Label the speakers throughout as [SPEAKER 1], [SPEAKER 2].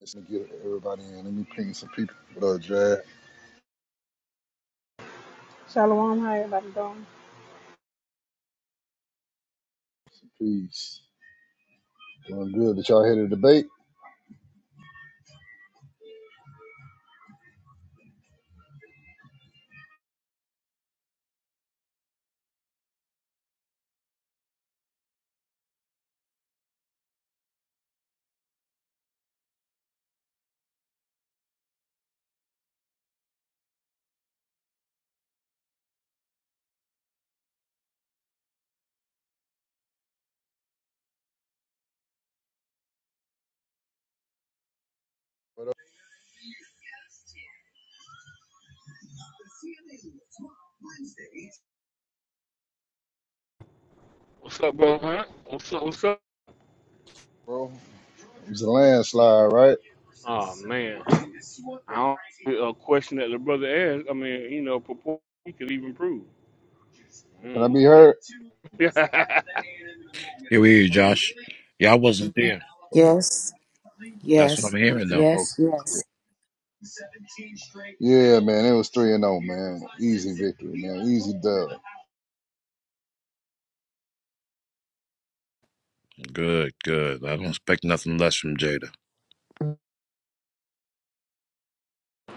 [SPEAKER 1] Let's get everybody in. Let me ping some people. What up, Jack?
[SPEAKER 2] Shalom, how everybody doing?
[SPEAKER 1] Peace. Doing good. Did y'all hear the debate? What up,
[SPEAKER 3] What's up, bro? Hunt? What's up? What's up?
[SPEAKER 1] bro? It was a landslide, right?
[SPEAKER 3] Oh man, I don't a question that the brother asked. I mean, you know, purport he could even prove.
[SPEAKER 1] Can I
[SPEAKER 3] Mm.
[SPEAKER 1] be heard?
[SPEAKER 3] I
[SPEAKER 4] Here we hear you, Josh. Yeah, I wasn't there.
[SPEAKER 5] Yes,
[SPEAKER 4] That's what
[SPEAKER 5] yes,
[SPEAKER 4] I'm hearing, though.
[SPEAKER 5] yes, yes.
[SPEAKER 1] Okay. Yeah, man. It was 3 and 0, man. Easy victory, man. Easy dub.
[SPEAKER 4] Good, good. I don't expect nothing less from Jada.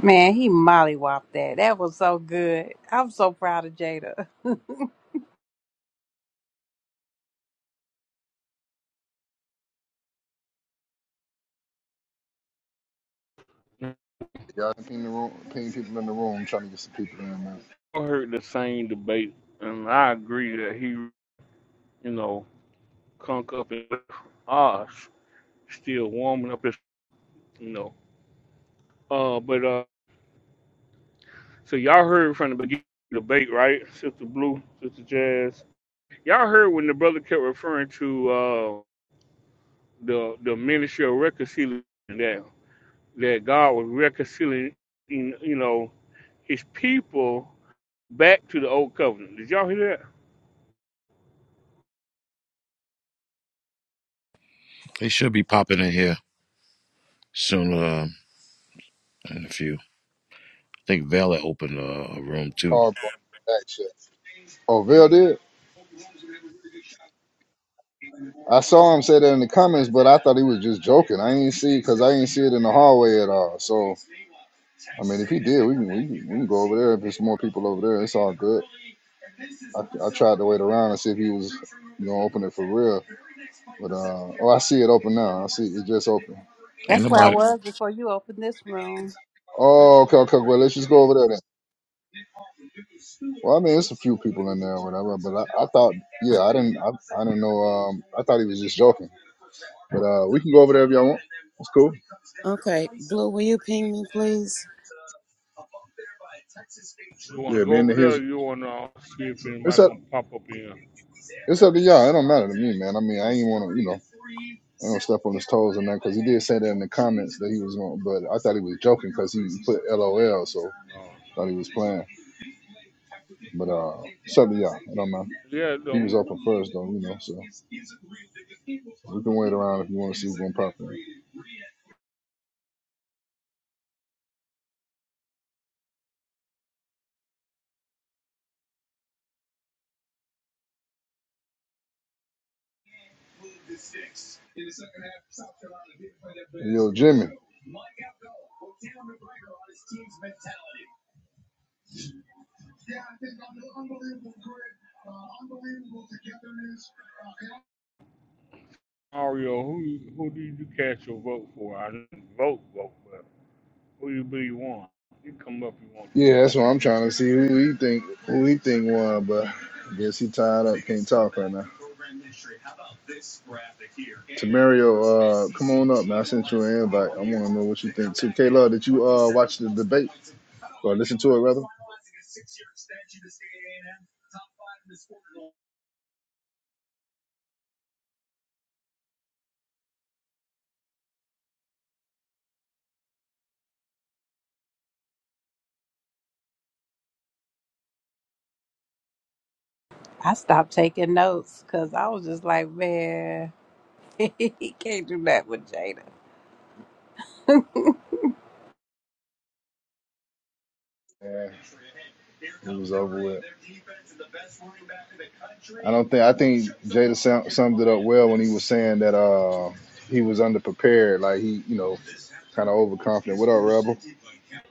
[SPEAKER 6] Man, he mollywopped that. That was so good. I'm so proud of Jada.
[SPEAKER 1] Y'all ping, the room, ping people in the room. trying to get some people in, man.
[SPEAKER 3] heard the same debate, and I agree that he, you know, conk up in Oz, still warming up his, you know. Uh, but uh, so y'all heard from the beginning of the debate, right? Sister Blue, Sister Jazz. Y'all heard when the brother kept referring to uh the the ministry of reconciliation. that God was reconciling, you know, His people back to the old covenant. Did y'all hear that?
[SPEAKER 4] They should be popping in here soon. Uh, in a few. I think Vela opened a, a room too.
[SPEAKER 1] Call bro. Back check. Oh, Vail did? I saw him say that in the comments, but I thought he was just joking. I ain't see because I ain't see it in the hallway at all. So, I mean, if he did, we can, we can, we can go over there. If there's more people over there, it's all good. I, I tried to wait around and see if he was gonna open it for real. But uh, oh, I see it open now. I see it just open.
[SPEAKER 4] Ain't
[SPEAKER 6] That's where I
[SPEAKER 4] nobody.
[SPEAKER 6] was before you opened this room.
[SPEAKER 1] Oh, okay, okay. Well, let's just go over there then. Well, I mean, it's a few people in there, or whatever. But I, I thought, yeah, I didn't, I, I didn't know. Um, I thought he was just joking. But uh, we can go over there if y'all want. It's cool.
[SPEAKER 5] Okay, Blue, will you ping me, please?
[SPEAKER 3] You want to
[SPEAKER 1] Yeah,
[SPEAKER 3] go
[SPEAKER 1] being
[SPEAKER 3] over
[SPEAKER 1] to
[SPEAKER 3] there? Or
[SPEAKER 1] his,
[SPEAKER 3] you want to uh, see if
[SPEAKER 1] it's
[SPEAKER 3] anybody
[SPEAKER 1] up,
[SPEAKER 3] gonna pop up in?
[SPEAKER 1] it's up to y'all. It don't matter to me, man. I mean, I ain't want to, you know, I don't step on his toes or nothing because he did say that in the comments that he was going. But I thought he was joking because he put LOL, so I
[SPEAKER 3] Uh,
[SPEAKER 1] thought he was playing. But uh, Southern, yeah, I don't know.
[SPEAKER 3] yeah,
[SPEAKER 1] He was
[SPEAKER 3] um,
[SPEAKER 1] open first, though, you know. So we can wait around if you want to see what's gonna pop in. Yo, Jimmy.
[SPEAKER 3] Mario, who who did you cast your vote for? I didn't vote, vote, but who you believe won? You come up if you want to,
[SPEAKER 1] Yeah,
[SPEAKER 3] man.
[SPEAKER 1] that's what I'm trying to see. Who he think who he think won, but I guess he tied up, can't talk right now. Tamario, uh, come on up, man. I sent you an invite. I want to know what you think too. K Love, did you uh watch the debate or listen to it rather?
[SPEAKER 6] I stopped taking notes because I was just like, man, he can't do that with Jada.
[SPEAKER 1] Yeah, it was over with. I don't think I think Jada sum- summed it up well when he was saying that uh he was underprepared, like he you know kind of overconfident. What up, Rebel?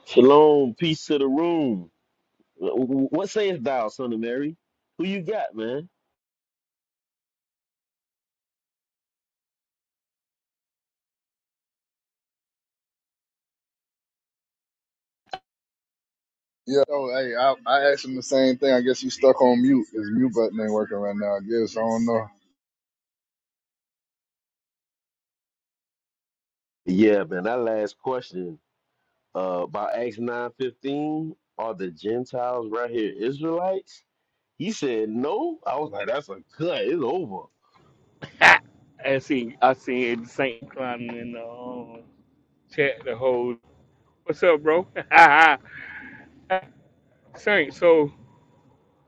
[SPEAKER 7] Shalom, peace to the room. Wh- What sayest thou, son of Mary? Who you got, man?
[SPEAKER 1] Yeah, so, hey, I, I asked him the same thing. I guess he's stuck on mute. His mute button ain't working right now. I guess I don't know.
[SPEAKER 7] Yeah, man. That last question uh, about Acts nine fifteen. Are the Gentiles right here Israelites? He said no. I was like, that's a cut. It's over.
[SPEAKER 3] Ha! I seen I seen Saint climbing in the um, chat the whole. What's up, bro? Saint, so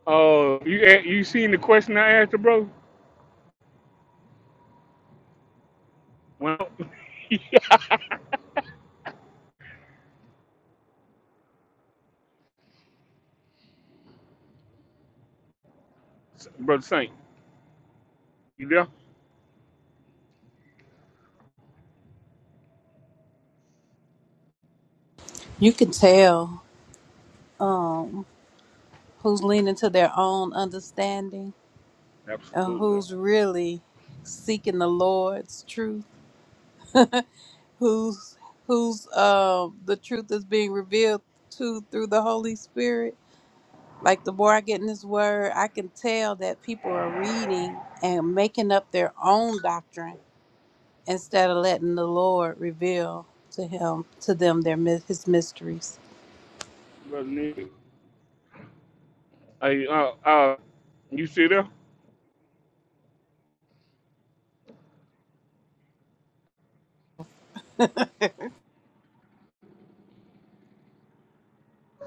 [SPEAKER 3] Oh, you a- you seen the question I asked, you, bro? Well, brother Saint, you there?
[SPEAKER 6] You can tell um, who's leaning to their own understanding and
[SPEAKER 3] Absolutely,
[SPEAKER 6] who's really seeking the Lord's truth. Who's who's um the truth is being revealed to through the Holy Spirit like the more I get in this word, I can tell that people are reading and making up their own doctrine instead of letting the Lord reveal to him to them their mys- his mysteries.
[SPEAKER 3] brother Nick. Hey, uh, uh, you see there?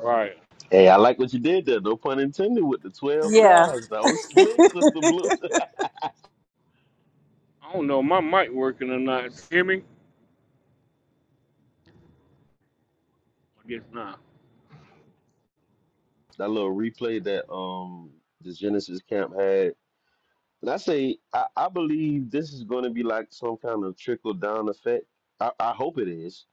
[SPEAKER 3] Right.
[SPEAKER 7] Hey, I like what you did there. No pun intended with the twelve
[SPEAKER 6] Yeah.
[SPEAKER 7] tribes. That was slick, Sister Blue.
[SPEAKER 3] I don't know, my mic working or not. Hear me? I guess not.
[SPEAKER 7] that little replay that um the Genesis camp had And I say, I, I believe this is going to be like some kind of trickle down effect. I, I hope it is,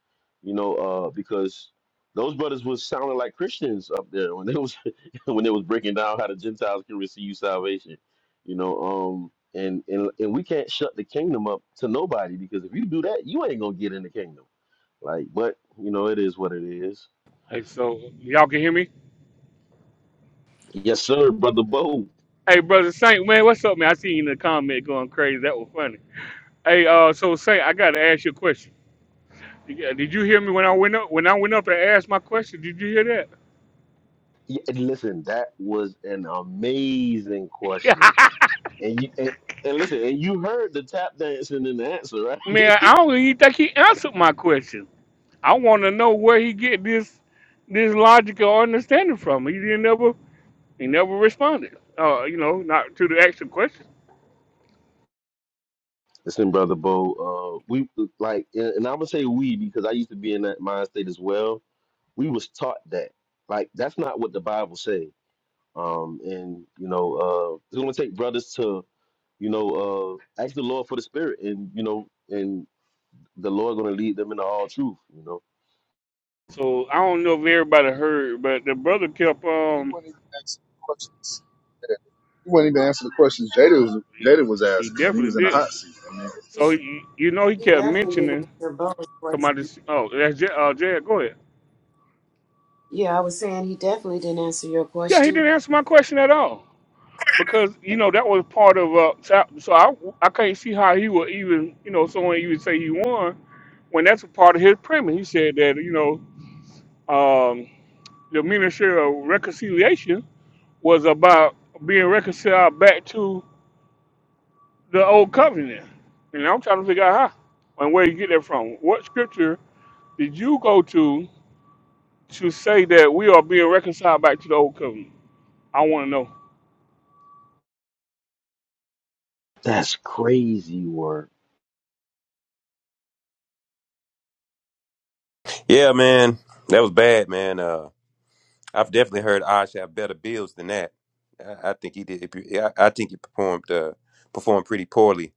[SPEAKER 7] you know, uh, because those brothers was sounding like Christians up there when they was when they was breaking down how the Gentiles can receive salvation, you know. Um, and and and we can't shut the kingdom up to nobody because if you do that, you ain't gonna get in the kingdom. Like, but you know, it is what it is.
[SPEAKER 3] Hey, so y'all can hear me?
[SPEAKER 7] Yes, sir, brother Bo.
[SPEAKER 3] Hey, brother Saint, man, what's up, man? I seen you in the comment going crazy. That was funny. Hey, uh, so Saint, I gotta ask you a question. Yeah, Did you hear me when I went up? When I went up and asked my question, did you hear
[SPEAKER 7] Yeah, and listen, that was an amazing question.
[SPEAKER 3] that?
[SPEAKER 7] And you and, and listen, and you heard the tap dancing in the answer,
[SPEAKER 3] man,
[SPEAKER 7] right?
[SPEAKER 3] I don't even think he answered my question. I want to know where he get this this logical understanding from. He didn't ever he never responded. Uh, you know, not to the actual question.
[SPEAKER 7] listen, brother Bo, uh, we like, and, and I'm gonna say we because I used to be in that mind state as well. We was taught that, like, that's not what the Bible say. Um, and you know, uh, it's gonna take brothers to, you know, uh, ask the Lord for the Spirit, and you know, and the Lord gonna lead them into all truth. You know,
[SPEAKER 3] So I don't know if everybody heard, but the brother kept
[SPEAKER 1] He
[SPEAKER 3] um
[SPEAKER 1] wasn't even answering the questions. Yeah. He wasn't even answering the questions Jada was
[SPEAKER 3] he,
[SPEAKER 1] Jada was
[SPEAKER 3] he
[SPEAKER 1] asking when he
[SPEAKER 3] definitely
[SPEAKER 1] was in the
[SPEAKER 3] did.
[SPEAKER 1] hot seat. I mean,
[SPEAKER 3] So you, you know he
[SPEAKER 5] He
[SPEAKER 3] kept
[SPEAKER 5] definitely didn't
[SPEAKER 3] mentioning
[SPEAKER 5] answer Bo's
[SPEAKER 3] somebody.
[SPEAKER 5] question.
[SPEAKER 3] Oh, that's J, uh, Jared. Go ahead.
[SPEAKER 5] Yeah, I was saying he definitely didn't answer your
[SPEAKER 3] Yeah, he
[SPEAKER 5] question.
[SPEAKER 3] didn't answer my question at all because you know that was part of uh. So, I, so I I can't see how he would even you know someone even say he won when that's a part of his premise. He said that you know. um. the ministry of reconciliation was about being reconciled back to the old covenant. And I'm trying to figure out how and where you get that from. What scripture did you go to to say that we are being reconciled back to the old covenant? I want to know.
[SPEAKER 7] that's crazy work.
[SPEAKER 8] Yeah, man, that was bad, man. Uh, I've definitely heard Osh have better bills than that. I, I think he did. If you, yeah, I, I think he performed uh, performed pretty poorly.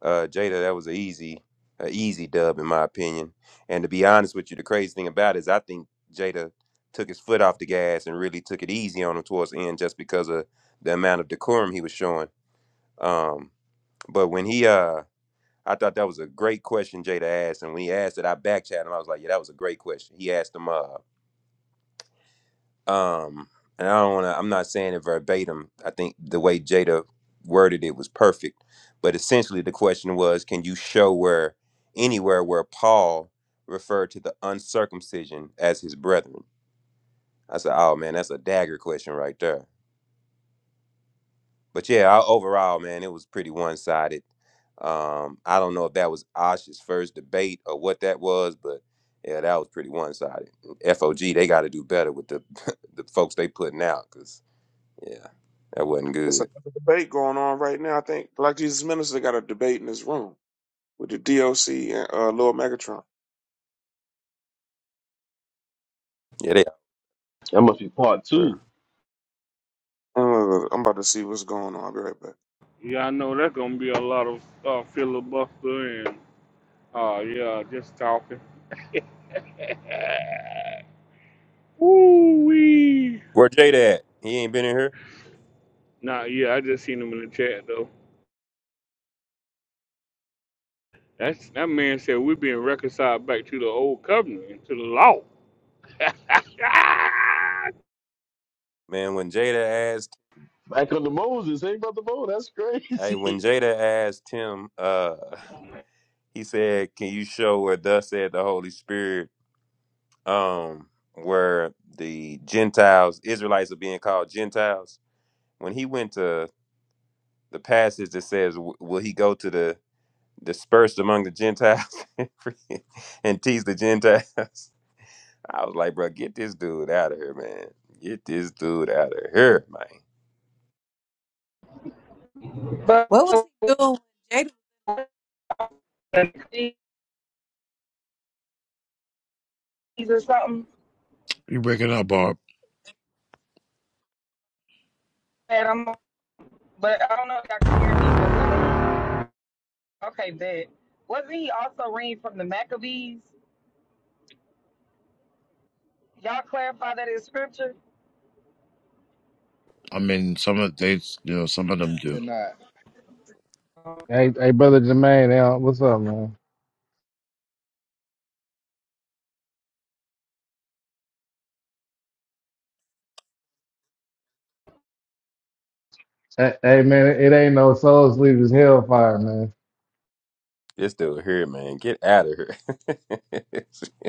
[SPEAKER 8] Uh, Jada, that was an easy, a easy dub in my opinion. And to be honest with you, the crazy thing about it is I think Jada took his foot off the gas and really took it easy on him towards the end, just because of the amount of decorum he was showing. Um, but when he, uh, I thought that was a great question Jada asked, and when he asked it, I backchatted him. I was like, yeah, that was a great question. He asked him, uh. um and i don't want to i'm not saying it verbatim i think the way jada worded it was perfect but essentially the question was can you show where anywhere where paul referred to the uncircumcision as his brethren i said oh man that's a dagger question right there but yeah I, overall man it was pretty one-sided um i don't know if that was osh's first debate or what that was but yeah that was pretty one-sided fog they got to do better with the the folks they putting out, cause. Yeah, that wasn't
[SPEAKER 9] It's
[SPEAKER 8] good.
[SPEAKER 9] another debate going on right now. I think Black Jesus Minister got a debate in his room with the DOC and uh, Lord Megatron.
[SPEAKER 8] Yeah, they out
[SPEAKER 7] That must be part
[SPEAKER 8] there.
[SPEAKER 7] two.
[SPEAKER 9] I'm, uh, I'm about to see what's going on. I'll be right back.
[SPEAKER 3] Yeah, I know that's going to be a lot of uh, filibuster and, uh, yeah, just talking. Ooh wee.
[SPEAKER 8] Where Jada at? He ain't been in here.
[SPEAKER 3] Nah, yeah, I just seen him in the chat though. That's that man said we're being reconciled back to the old covenant, to the law. Ah!
[SPEAKER 8] Man, when Jada asked,
[SPEAKER 7] Back under Moses, hey brother Bo, that's
[SPEAKER 8] hey,
[SPEAKER 7] crazy.
[SPEAKER 8] when Jada asked him, uh, he said, "Can you show where thus said the Holy Spirit, um, where the Gentiles, Israelites are being called Gentiles?" When he went to the passage that says, w- "Will he go to the dispersed among the Gentiles and teach the Gentiles?" I was like, bro, get this dude out of here, man. Get this dude out of here, man.
[SPEAKER 10] But
[SPEAKER 6] What was
[SPEAKER 10] or
[SPEAKER 6] he doing with Jada?
[SPEAKER 10] something
[SPEAKER 4] You breaking up, Barb?
[SPEAKER 10] that I'm. But I don't know if y'all can hear me. But wasn't he okay? Bet wasn't he also reading from the Maccabees? Y'all clarify that in scripture.
[SPEAKER 4] I mean, some of they, you know, some of them
[SPEAKER 1] we're
[SPEAKER 4] do.
[SPEAKER 1] not.
[SPEAKER 11] Hey,
[SPEAKER 10] Okay.
[SPEAKER 11] hey, brother Jermaine, hey, uh, what's up, man? Hey, hey, man, it ain't no soul sleep, it's hellfire, man.
[SPEAKER 8] This dude here, man. Get out of here.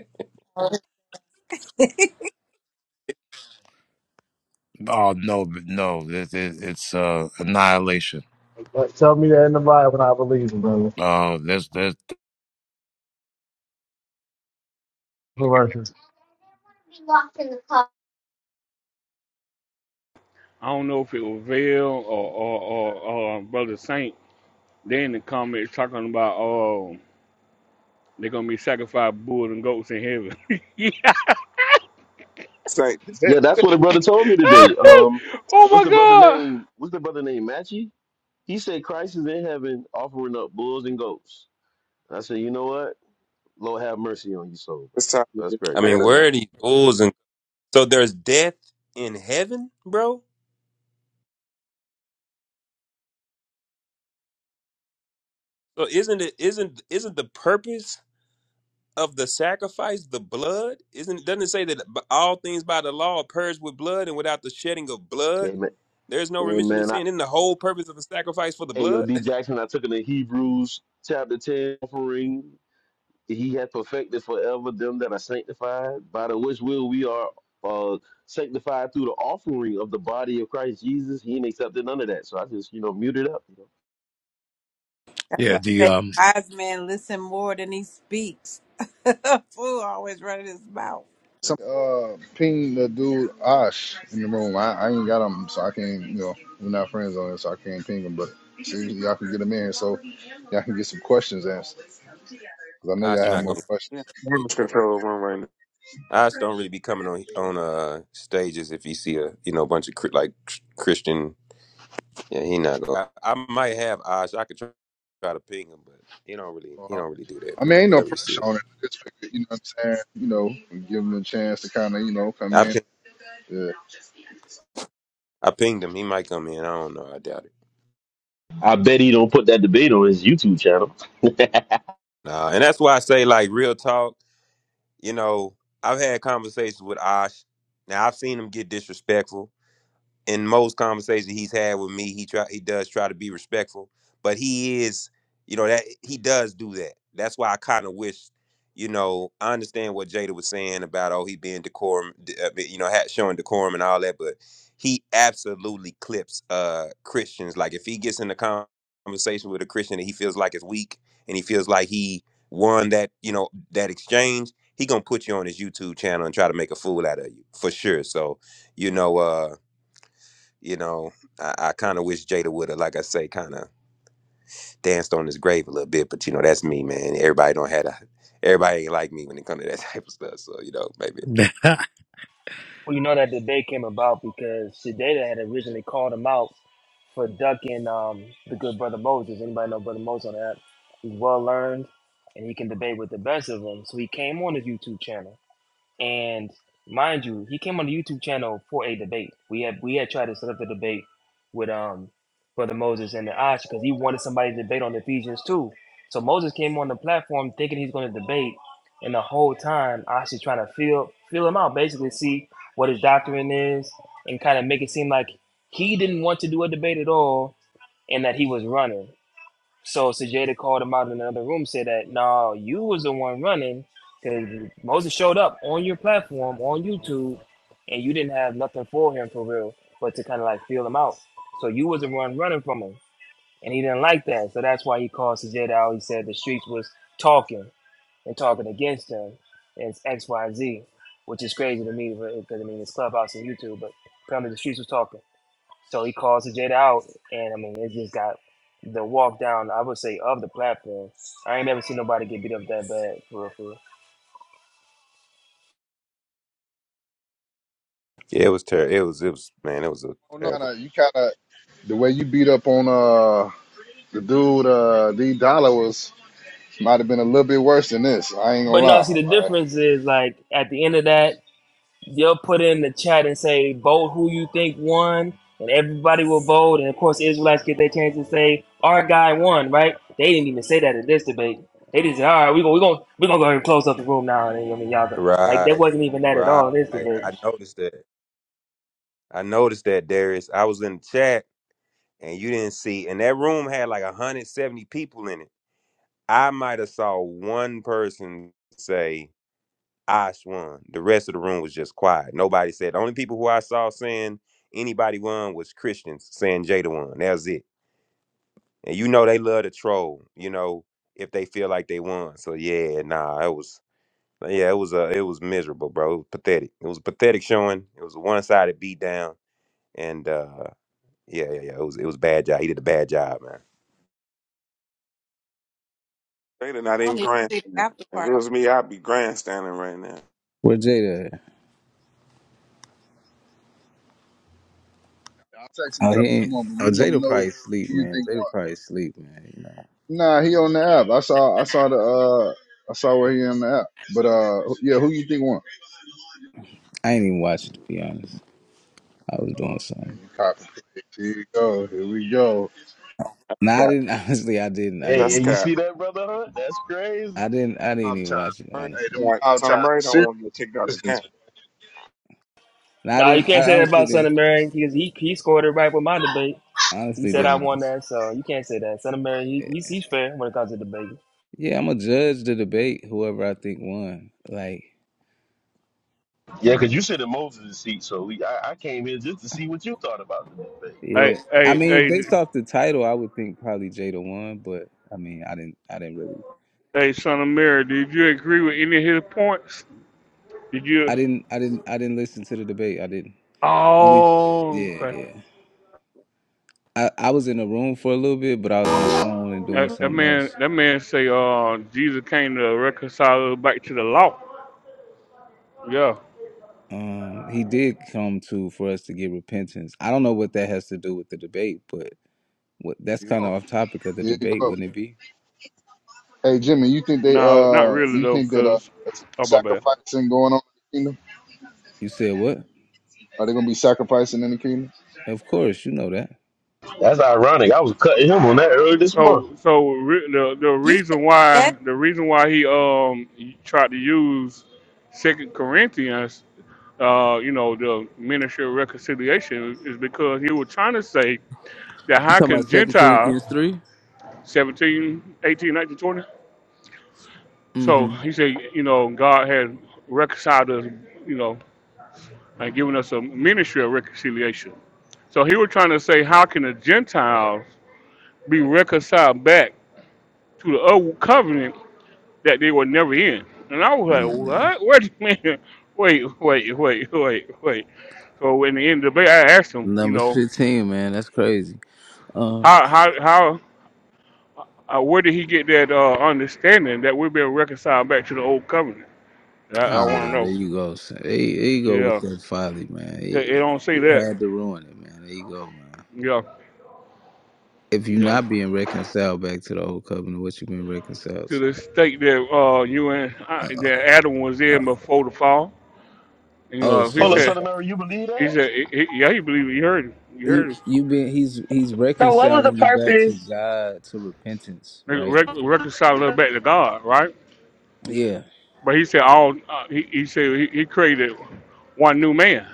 [SPEAKER 4] Oh no, but no, it, it, it's uh, annihilation.
[SPEAKER 11] But tell me that in the Bible, and I believe it, brother.
[SPEAKER 4] Uh, there's, there's,
[SPEAKER 3] I don't know if it was Vail or or, or uh, Brother Saint. They in the comments talking about oh they're gonna be sacrificed bulls and goats in heaven. yeah.
[SPEAKER 9] Thank you.
[SPEAKER 7] Yeah, that's what a brother told me today. Um,
[SPEAKER 3] oh
[SPEAKER 7] what's
[SPEAKER 3] my
[SPEAKER 7] the brother
[SPEAKER 3] God.
[SPEAKER 7] name? What's the brother name? Matchy? He said Christ is in heaven offering up bulls and goats. And I said, you know what? Lord have mercy on your soul, brother.
[SPEAKER 9] It's time to
[SPEAKER 7] That's
[SPEAKER 9] get to
[SPEAKER 7] crazy.
[SPEAKER 8] I
[SPEAKER 9] the
[SPEAKER 8] mean,
[SPEAKER 9] internet.
[SPEAKER 8] where are these rules and so there's death in heaven, bro? So isn't it isn't isn't the purpose of the sacrifice the blood? Isn't doesn't it say that b- all things by the law are purged with blood and without the shedding of blood,
[SPEAKER 7] Amen.
[SPEAKER 8] there's no remission of
[SPEAKER 7] Amen. I,
[SPEAKER 8] sin. Isn't the whole purpose of the sacrifice for the
[SPEAKER 7] hey, yo,
[SPEAKER 8] blood?
[SPEAKER 7] D Jackson, I took it in Hebrews chapter 10 offering. He hath perfected forever them that are sanctified, by the which will we are uh, sanctified through the offering of the body of Christ Jesus. He ain't accepted none of that. So I just, you know, muted up.
[SPEAKER 6] That's
[SPEAKER 4] yeah,
[SPEAKER 6] why
[SPEAKER 4] the
[SPEAKER 6] I say
[SPEAKER 4] um,
[SPEAKER 6] wise man listen more than he speaks. Fool always running his mouth.
[SPEAKER 1] Some uh ping the dude Ash in the room. I, I ain't got him, so I can't. You know, we're not friends on it, so I can't ping him. But see, y'all can get him in, so y'all can get some questions answered. Cause I know
[SPEAKER 8] Ah, it's
[SPEAKER 1] y'all have
[SPEAKER 4] uh,
[SPEAKER 8] not
[SPEAKER 1] more
[SPEAKER 8] gonna
[SPEAKER 1] questions.
[SPEAKER 9] Yeah,
[SPEAKER 8] come,
[SPEAKER 9] damage
[SPEAKER 8] bro.
[SPEAKER 9] control room right now.
[SPEAKER 8] I just don't really be coming on on uh stages if you see a you know bunch of cr- like ch- Christian. Yeah, he not. Gonna, I, I might have eyes. I could try, try to ping him, but he don't really he don't really do that,
[SPEAKER 1] I mean,
[SPEAKER 8] bro.
[SPEAKER 1] ain't
[SPEAKER 8] But
[SPEAKER 1] no
[SPEAKER 8] let me see.
[SPEAKER 1] pressure on it. Just figured, you know what I'm saying. You know, give him a chance to kind of, you know, come
[SPEAKER 8] I
[SPEAKER 1] in.
[SPEAKER 8] ping,
[SPEAKER 1] Yeah.
[SPEAKER 8] I pinged him. He might come in. I don't know. I doubt it.
[SPEAKER 7] I bet he don't put that debate on his YouTube channel.
[SPEAKER 8] Nah, and that's why I say like real talk. You know, I've had conversations with Osh. Now I've seen him get disrespectful. in most conversations he's had with me, he try he does try to be respectful, but he is, you know, that he does do that. That's why I kind of wish, you know, I understand what Jada was saying about oh he being decorum, d- uh, be- you know, ha- showing decorum and all that, but he absolutely clips uh Christians. Like if he gets in the con- conversation with a Christian that he feels like is weak and he feels like he won that, you know, that exchange, he gonna put you on his YouTube channel and try to make a fool out of you for sure. So you know. uh you know, I, I kind of wish Jada would have, like I say, kind of danced on his grave a little bit. But you know, that's me, man. Everybody don't have a, everybody ain't like me when it comes to that type of stuff. So you know, maybe
[SPEAKER 12] Well, you know that debate came about because Shadeda had originally called him out for ducking um, the good brother Moses. Anybody know brother Moses on that? He's well learned and he can debate with the best of them. So he came on his YouTube channel. And mind you, he came on the YouTube channel for a debate. We had we had tried to set up the debate with um Brother Moses and the Ash because he wanted somebody to debate on Ephesians too. So Moses came on the platform thinking he's going to debate, and the whole time Ash is trying to feel feel him out, basically see what his doctrine is, and kind of make it seem like he didn't want to do a debate at all, and that he was running. So Sajeda called him out in another room, said that no, you was the one running because Moses showed up on your platform on YouTube, and you didn't have nothing for him for real, but to kind of like feel him out. So you was the one running from him, and he didn't like that. So that's why he called Sajeda. out. He said the streets was talking and talking against him, and it's X Y Z, which is crazy to me because I mean it's Clubhouse and YouTube, but apparently the streets was talking. So he calls the Jada out, and I mean, it just got the walk down, I would say, of the platform. I ain't never seen nobody get beat up that bad, for real, for real.
[SPEAKER 8] yeah, it was terrible. It was it was man, it was a
[SPEAKER 1] Oh no,
[SPEAKER 8] terrible.
[SPEAKER 1] kinda, you kind of the way you beat up on uh the dude uh D Dollar was might have been a little bit worse than this. I ain't gonna
[SPEAKER 12] But no,
[SPEAKER 1] lie.
[SPEAKER 12] see, the
[SPEAKER 1] Like,
[SPEAKER 12] difference is, like, at the end of that, they'll put in the chat and say, vote who you think won, and everybody will vote. And of course, Israelites get their chance to say, our guy won, right? They didn't even say that in this debate. They just said, all right, we're going we gonna, we gonna go ahead and close up the room now. And, I mean, y'all, like, there
[SPEAKER 8] Right,
[SPEAKER 12] wasn't even that at
[SPEAKER 8] right.
[SPEAKER 12] all in this debate.
[SPEAKER 8] I noticed that. I noticed that Darius. I was in the chat and you didn't see, and that room had like 170 people in it. I might have saw one person say. I swung. The rest of the room was just quiet. Nobody said. The only people who I saw saying anybody won was Christians saying Jada won. That was it. And you know they love to troll. You know if they feel like they won. So yeah, nah, it was yeah, it was uh, it was miserable, bro. It was pathetic. It was a pathetic showing. It was a one sided beat down. And uh, yeah, yeah, yeah, it was it was a bad job. He did a bad job, man.
[SPEAKER 9] They're not
[SPEAKER 6] I don't
[SPEAKER 9] even
[SPEAKER 6] even see the
[SPEAKER 9] grandstanding.
[SPEAKER 6] after
[SPEAKER 9] If it
[SPEAKER 6] party.
[SPEAKER 9] was me, I'd be grandstanding right now.
[SPEAKER 13] Where Jada? at?
[SPEAKER 1] I'll text him,
[SPEAKER 13] Oh,
[SPEAKER 1] tell
[SPEAKER 13] he
[SPEAKER 1] him
[SPEAKER 13] ain't.
[SPEAKER 1] come on, but
[SPEAKER 13] Oh,
[SPEAKER 1] we want to
[SPEAKER 13] Jada
[SPEAKER 1] know
[SPEAKER 13] probably sleep,
[SPEAKER 1] who you
[SPEAKER 13] man.
[SPEAKER 1] think
[SPEAKER 13] Jada probably sleep, man. You know,
[SPEAKER 1] won. Nah, he on the app. I saw, I saw the, uh, I saw where he on the app. But uh, yeah, who you think won?
[SPEAKER 13] I ain't even watching to be honest. I was doing
[SPEAKER 1] Man,
[SPEAKER 13] something.
[SPEAKER 1] you copy. Here you go. Here we go.
[SPEAKER 13] Nah, I
[SPEAKER 9] Cap.
[SPEAKER 13] didn't. Honestly, I didn't. I
[SPEAKER 7] Hey,
[SPEAKER 9] That's
[SPEAKER 13] didn't.
[SPEAKER 7] and you see
[SPEAKER 9] cap.
[SPEAKER 7] that, brother? Hunt? That's crazy.
[SPEAKER 13] I didn't. I didn't
[SPEAKER 1] Mob
[SPEAKER 13] even
[SPEAKER 1] time.
[SPEAKER 13] watch it.
[SPEAKER 9] All right.
[SPEAKER 1] Hey,
[SPEAKER 13] Honestly,
[SPEAKER 9] All
[SPEAKER 1] the
[SPEAKER 9] right.
[SPEAKER 1] mob
[SPEAKER 9] Son
[SPEAKER 1] time.
[SPEAKER 9] of Mary don't
[SPEAKER 1] Serious
[SPEAKER 9] want to get kicked out the camp.
[SPEAKER 1] business.
[SPEAKER 13] nah, I
[SPEAKER 12] Nah, you
[SPEAKER 13] didn't. I
[SPEAKER 12] can't say that
[SPEAKER 13] honestly
[SPEAKER 12] about Son
[SPEAKER 13] didn't.
[SPEAKER 12] of Mary because he, he scored it right with my debate. He
[SPEAKER 13] Honestly,
[SPEAKER 12] said I
[SPEAKER 13] didn't
[SPEAKER 12] won
[SPEAKER 13] watch
[SPEAKER 12] that, so you can't say that. Son of Mary, he,
[SPEAKER 13] it.
[SPEAKER 12] he's, he's fair when it comes to debate.
[SPEAKER 13] Yeah, I'm gonna judge the debate. Whoever I think won, like,
[SPEAKER 7] Yeah, because you
[SPEAKER 13] um,
[SPEAKER 7] sit in Moses' seat, so we, I, I came here just to see what you thought about the debate. You
[SPEAKER 3] Hey
[SPEAKER 13] yeah.
[SPEAKER 7] know?
[SPEAKER 13] I
[SPEAKER 3] hey
[SPEAKER 13] mean,
[SPEAKER 3] hey d-
[SPEAKER 13] based off the title, I would think probably Jada won, but I mean, I didn't. I didn't really.
[SPEAKER 3] hey son of Mary, did you agree with any of his points? Did you?
[SPEAKER 13] I didn't. I didn't. I didn't listen to the debate. I didn't. Only.
[SPEAKER 3] Oh
[SPEAKER 13] Yeah,
[SPEAKER 3] okay.
[SPEAKER 13] yeah. I, I was in the room for a little bit, but I was on the phone and doing
[SPEAKER 3] That, that
[SPEAKER 13] something
[SPEAKER 3] man
[SPEAKER 13] else.
[SPEAKER 3] that man say uh Jesus came to reconcile us back to the law. Yeah.
[SPEAKER 13] Um, he did come to for us to get repentance. I don't know what that has to do with the debate, but what that's
[SPEAKER 1] Here you
[SPEAKER 13] kind of
[SPEAKER 1] go.
[SPEAKER 13] off topic of the
[SPEAKER 1] Here you
[SPEAKER 13] debate,
[SPEAKER 1] go.
[SPEAKER 13] wouldn't it be?
[SPEAKER 1] Hey, Jimmy, you think they,
[SPEAKER 3] No, not
[SPEAKER 1] uh,
[SPEAKER 3] really
[SPEAKER 1] you
[SPEAKER 3] though,
[SPEAKER 1] think that uh,
[SPEAKER 3] cause
[SPEAKER 1] that's
[SPEAKER 3] oh my bad.
[SPEAKER 1] sacrificing going on in the kingdom?
[SPEAKER 13] You said what?
[SPEAKER 1] Are they gonna be sacrificing in the kingdom?
[SPEAKER 13] Of course, you know that.
[SPEAKER 7] That's ironic. I was cutting him on that earlier this month.
[SPEAKER 3] So, so re- the the
[SPEAKER 6] You said
[SPEAKER 3] reason
[SPEAKER 6] yes.
[SPEAKER 3] why the reason why he um he tried to use Second Corinthians, uh, you know, the ministry of reconciliation is because he was trying to say that
[SPEAKER 13] You
[SPEAKER 3] how
[SPEAKER 13] talking
[SPEAKER 3] can
[SPEAKER 13] about Second Corinthians
[SPEAKER 3] Gentile
[SPEAKER 13] three?
[SPEAKER 3] 17, 18, 19, 20? So
[SPEAKER 13] Mm-hmm.
[SPEAKER 3] he said, you know, God had reconciled us, you know, and given us a ministry of reconciliation. So he was trying to say, how can the Gentiles be reconciled back to the old covenant that they would never end. And I was
[SPEAKER 13] Mm.
[SPEAKER 3] like, what? Wait a minute. Wait, wait, wait, wait, wait. So in the end of the day, I asked him, you
[SPEAKER 13] Numbers
[SPEAKER 3] know,
[SPEAKER 13] fifteen, man. That's crazy. Uh,
[SPEAKER 3] how, how, how, uh, where did he get that uh, understanding that we've been reconciled back to the old covenant? That I want to
[SPEAKER 13] ah, there
[SPEAKER 3] know.
[SPEAKER 13] you go. son. There, there you go with
[SPEAKER 3] Yeah,
[SPEAKER 13] that folly, man.
[SPEAKER 3] they,
[SPEAKER 13] It,
[SPEAKER 3] they don't say that.
[SPEAKER 13] it had to ruin it, man. There you go, man.
[SPEAKER 3] Yeah,
[SPEAKER 13] if you're
[SPEAKER 3] yeah.
[SPEAKER 13] not being reconciled back to the old covenant, what you been reconciled
[SPEAKER 3] To the
[SPEAKER 13] to?
[SPEAKER 3] state that uh, you and I, that Adam was in
[SPEAKER 13] Uh-oh.
[SPEAKER 3] before the fall. And you
[SPEAKER 13] Oh,
[SPEAKER 3] know, he
[SPEAKER 13] so
[SPEAKER 7] Hold up,
[SPEAKER 3] said,
[SPEAKER 13] that's
[SPEAKER 7] Son of Mary, you believe
[SPEAKER 3] he
[SPEAKER 7] that?
[SPEAKER 3] said, he, he- yeah, he believed, it. you heard him, you heard
[SPEAKER 13] you.
[SPEAKER 3] him.
[SPEAKER 13] You been he's he's
[SPEAKER 10] So what was the
[SPEAKER 13] reconciling you back to
[SPEAKER 10] purpose?
[SPEAKER 13] God to repentance,
[SPEAKER 3] Re-
[SPEAKER 13] right?
[SPEAKER 3] re- reconcile us back to God, right?
[SPEAKER 13] Yeah.
[SPEAKER 3] But he said all. Uh, he, he said he, he created one new man.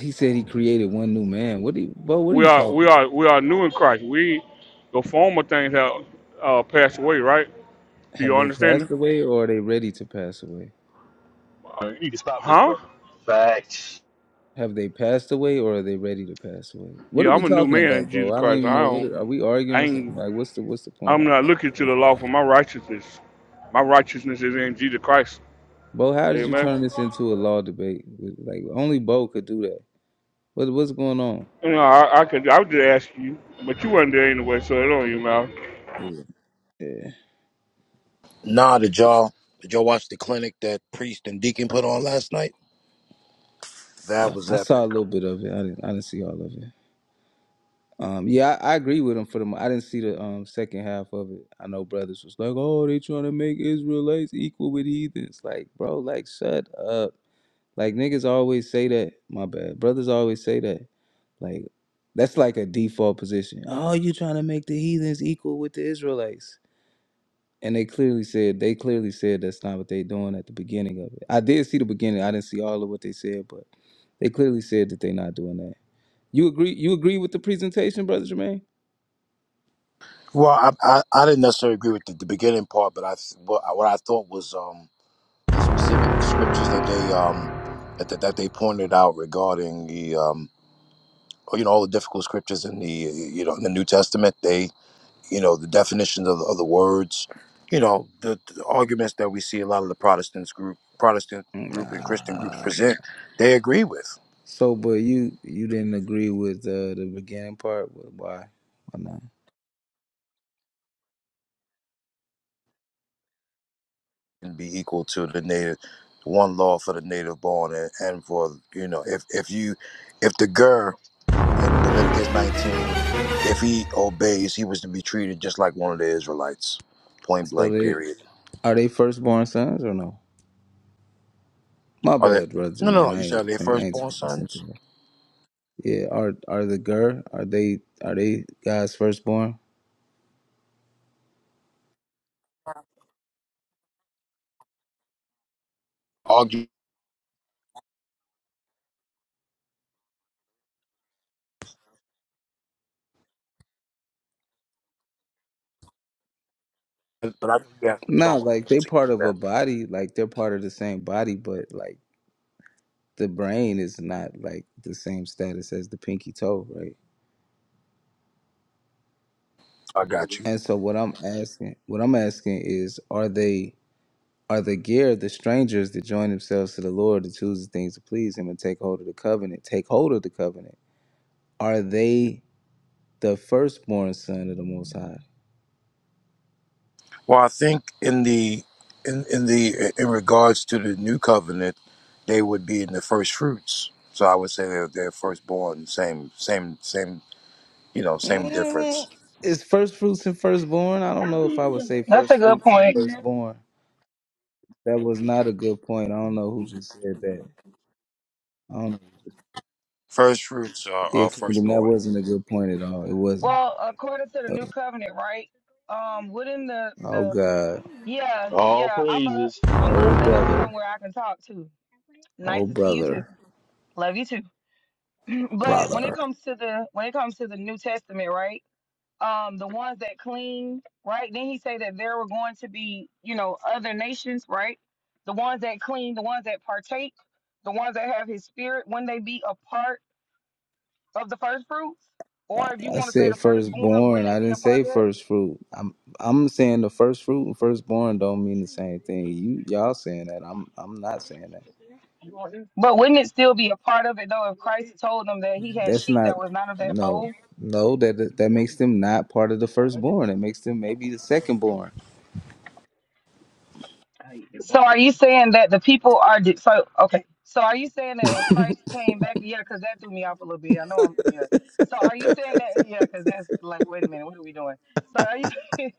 [SPEAKER 13] He said he created one new man. What do you, Bo? What are
[SPEAKER 3] We
[SPEAKER 13] you
[SPEAKER 3] are we
[SPEAKER 13] talking about?
[SPEAKER 3] are we are new in Christ. We the former things have uh, passed away. Right? Do you
[SPEAKER 13] Have they
[SPEAKER 3] understand?
[SPEAKER 13] passed away, or are they ready to pass away?
[SPEAKER 7] Bro, You need to stop this,
[SPEAKER 3] Huh?
[SPEAKER 7] brother. Facts.
[SPEAKER 13] Have they passed away, or are they ready to pass away? What
[SPEAKER 3] Yeah,
[SPEAKER 13] are
[SPEAKER 3] I'm
[SPEAKER 13] we
[SPEAKER 3] a new
[SPEAKER 13] talking
[SPEAKER 3] man in
[SPEAKER 13] about,
[SPEAKER 3] Jesus
[SPEAKER 13] Bo? I don't
[SPEAKER 3] Christ.
[SPEAKER 13] even
[SPEAKER 3] I
[SPEAKER 13] know. What
[SPEAKER 3] don't.
[SPEAKER 13] are, are we arguing
[SPEAKER 3] I
[SPEAKER 13] or
[SPEAKER 3] ain't.
[SPEAKER 13] something? Like, what's the what's the point?
[SPEAKER 3] I'm not looking to the law for my righteousness. My righteousness is in Jesus Christ.
[SPEAKER 13] Bo, how did you
[SPEAKER 3] Amen.
[SPEAKER 13] turn this into a law debate? Like, only Bo could do that. What what's going on?
[SPEAKER 3] You know, I, I could. I would just ask you, but you weren't there anyway, so it don't even matter.
[SPEAKER 13] Yeah. Yeah,
[SPEAKER 4] Nah, did y'all did y'all watch the clinic that priest and deacon put on last night? That
[SPEAKER 13] uh,
[SPEAKER 4] was
[SPEAKER 13] I saw a
[SPEAKER 4] epic.
[SPEAKER 13] little bit of it. I didn't I didn't see all of it. Um, yeah, I, I agree with him for the. mo- I didn't see the um second half of it. I know brothers was like, oh, they trying to make Israelites equal with heathens. Like, bro, like shut up. Like niggas always say that. My bad. Brothers always say that. Like, that's like a default position. Oh, you trying to make the heathens equal with the Israelites? And they clearly said they clearly said that's not what they doing at the beginning of it. I did see the beginning. I didn't see all of what they said, but. They clearly said that they're not doing that. You agree? You agree with the presentation, brother Jermaine?
[SPEAKER 4] Well, I, I, I didn't necessarily agree with the, the beginning part, but I th- what, I- what I thought was um, the specific scriptures that they um, that, that, that they pointed out regarding the um, you know all the difficult scriptures in the you know in the New Testament. They you know the definitions of the, of the words, you know the, the arguments that we see a lot of the Protestants group Protestant group and Christian groups
[SPEAKER 13] Nah.
[SPEAKER 4] present. They agree with
[SPEAKER 13] So, but you you didn't agree with uh, the beginning part. Wh- Why? Why not?
[SPEAKER 4] and be equal to the native one law for the native born and, and for you know if if you if the ger in Leviticus 19, if he obeys, he was to be treated just like one of the Israelites. Point
[SPEAKER 13] So
[SPEAKER 4] blank,
[SPEAKER 13] they
[SPEAKER 4] period.
[SPEAKER 13] are they firstborn sons or no? My
[SPEAKER 4] Are they?
[SPEAKER 13] bad, brother
[SPEAKER 4] No, no,
[SPEAKER 13] Jermaine.
[SPEAKER 4] no.
[SPEAKER 13] I
[SPEAKER 4] You said
[SPEAKER 13] ain't
[SPEAKER 4] are they
[SPEAKER 13] I ain't
[SPEAKER 4] firstborn sons?
[SPEAKER 13] sensitive. Yeah. Are are the girl? Are they are they guys firstborn?
[SPEAKER 4] Argue, but I think you have some
[SPEAKER 13] No,
[SPEAKER 4] strong
[SPEAKER 13] like they
[SPEAKER 4] arguments
[SPEAKER 13] part
[SPEAKER 4] against
[SPEAKER 13] of a
[SPEAKER 4] that.
[SPEAKER 13] body. Like they're part of the same body, but like the brain is not like the same status as the pinky toe, right?
[SPEAKER 4] I got you.
[SPEAKER 13] And so what I'm asking, what I'm asking is, are they are the gear the strangers that join themselves to the Lord to choose the things to please Him and take hold of the covenant, take hold of the covenant? Are they the firstborn son of the Most High?
[SPEAKER 4] Well, I think in the in in the in regards to the new covenant, they would be in the first fruits. So I would say they're, they're firstborn. Same, same, same. You know, same
[SPEAKER 13] Mm,
[SPEAKER 4] difference.
[SPEAKER 13] Is first fruits and firstborn? I don't know if I would say
[SPEAKER 10] That's a
[SPEAKER 13] first
[SPEAKER 10] good
[SPEAKER 13] fruits and
[SPEAKER 10] point.
[SPEAKER 13] firstborn. That was not a good point. I don't know who just said that. I don't know.
[SPEAKER 4] First fruits are,
[SPEAKER 13] Yeah,
[SPEAKER 4] are
[SPEAKER 13] Kingdom, that
[SPEAKER 4] firstborn.
[SPEAKER 13] wasn't a good point at all. It wasn't.
[SPEAKER 10] Well, according to the
[SPEAKER 13] Uh,
[SPEAKER 10] new covenant, right? Um, wouldn't the
[SPEAKER 13] Oh
[SPEAKER 10] the
[SPEAKER 13] God.
[SPEAKER 10] yeah
[SPEAKER 7] All
[SPEAKER 10] yeah I'm up
[SPEAKER 7] praises.
[SPEAKER 10] I'm up
[SPEAKER 13] Oh
[SPEAKER 10] and I'm
[SPEAKER 13] brother.
[SPEAKER 10] somewhere I can talk to.
[SPEAKER 13] Oh
[SPEAKER 10] Nice to see you too.
[SPEAKER 13] brother.
[SPEAKER 10] Love you too. But when it
[SPEAKER 13] Brother.
[SPEAKER 10] comes to the when it comes to the New Testament, right? um the ones that clean right then he say that there were going to be you know other nations right the ones that clean the ones that partake the ones that have his spirit wouldn't they be a part of the first fruits or if you
[SPEAKER 13] I
[SPEAKER 10] want to say
[SPEAKER 13] said
[SPEAKER 10] the firstborn
[SPEAKER 13] firstborn.
[SPEAKER 10] wouldn't
[SPEAKER 13] I
[SPEAKER 10] they be
[SPEAKER 13] didn't
[SPEAKER 10] a part
[SPEAKER 13] say
[SPEAKER 10] of it?
[SPEAKER 13] first fruit. I'm I'm saying the first fruit and firstborn don't mean the same thing. You y'all saying that. I'm I'm not saying that.
[SPEAKER 10] but wouldn't it still be a part of it though if christ told them that he had
[SPEAKER 13] That's
[SPEAKER 10] sheep
[SPEAKER 13] not
[SPEAKER 10] that was not of that
[SPEAKER 13] no.
[SPEAKER 10] fold
[SPEAKER 13] No, that that that makes them not part of the firstborn. It makes them maybe the secondborn.
[SPEAKER 10] So are you saying that the people are de- so okay? So are you saying that when Christ came back? Yeah, because that threw me off a little bit. I know I'm yeah. So are you saying that? Yeah, because that's like, wait a minute, what are we doing? So are you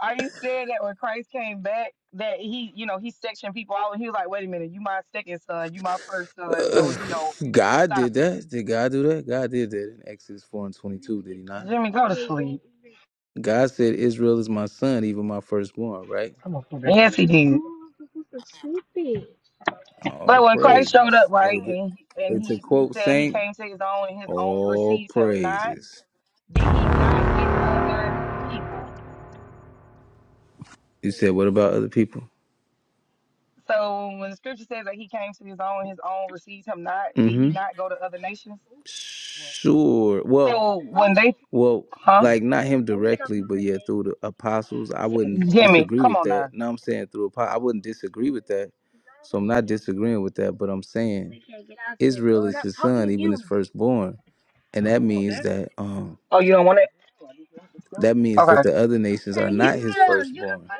[SPEAKER 10] are you saying that when Christ came back that he you know he sectioned people out and he was like, wait a minute, you my second son, you my first son, so you know,
[SPEAKER 13] Ugh, God
[SPEAKER 10] stop
[SPEAKER 13] did
[SPEAKER 10] it.
[SPEAKER 13] that. Did God do that? God did that in Exodus four and twenty two, did he not?
[SPEAKER 10] Jimmy, go to sleep.
[SPEAKER 13] God said, Israel is my son, even my firstborn, right?
[SPEAKER 10] I'm gonna put that- Yes, he did. But
[SPEAKER 13] Oh
[SPEAKER 10] when Christ showed
[SPEAKER 13] praises.
[SPEAKER 10] up,
[SPEAKER 13] Hey,
[SPEAKER 10] right,
[SPEAKER 13] th-
[SPEAKER 10] and he,
[SPEAKER 13] hey,
[SPEAKER 10] and
[SPEAKER 13] to
[SPEAKER 10] he he
[SPEAKER 13] quote
[SPEAKER 10] said he
[SPEAKER 13] Saint.
[SPEAKER 10] came to his own, and his own
[SPEAKER 13] All
[SPEAKER 10] received him not.
[SPEAKER 13] praises.
[SPEAKER 10] Did he not get other people?
[SPEAKER 13] You said, what about other people?
[SPEAKER 10] So when the scripture says that he came to his own, and his own received him not. Did he
[SPEAKER 13] Mm-hmm.
[SPEAKER 10] not go to other nations?
[SPEAKER 13] Sure. Well,
[SPEAKER 10] So when they,
[SPEAKER 13] well,
[SPEAKER 10] huh?
[SPEAKER 13] like not him directly, but yeah, through the apostles, I wouldn't
[SPEAKER 10] Jimmy,
[SPEAKER 13] disagree
[SPEAKER 10] come
[SPEAKER 13] with
[SPEAKER 10] on
[SPEAKER 13] that.
[SPEAKER 10] now.
[SPEAKER 13] No, I'm saying through apo- I wouldn't disagree with that. So I'm not disagreeing with that, but I'm saying Israel is his son, even his firstborn, and that means that um
[SPEAKER 10] Oh, you don't want it?
[SPEAKER 13] that means
[SPEAKER 10] Okay.
[SPEAKER 13] that the other nations are not his firstborn,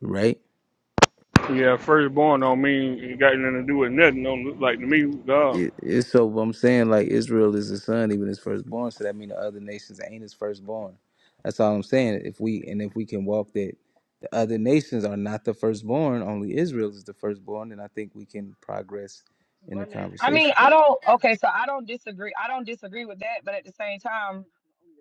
[SPEAKER 13] right?
[SPEAKER 3] Yeah, firstborn don't mean it got nothing to do with nothing. Don't look like to me, God.
[SPEAKER 13] It, it's so what I'm saying, like Israel is the son, even his firstborn. So that means the other nations ain't his firstborn. That's all I'm saying. If we and if we can walk that the other nations are not the firstborn, only Israel is the firstborn, then I think we can progress in the
[SPEAKER 10] I mean,
[SPEAKER 13] conversation.
[SPEAKER 10] I don't. Okay, so I don't disagree. I don't disagree with that, but at the same time.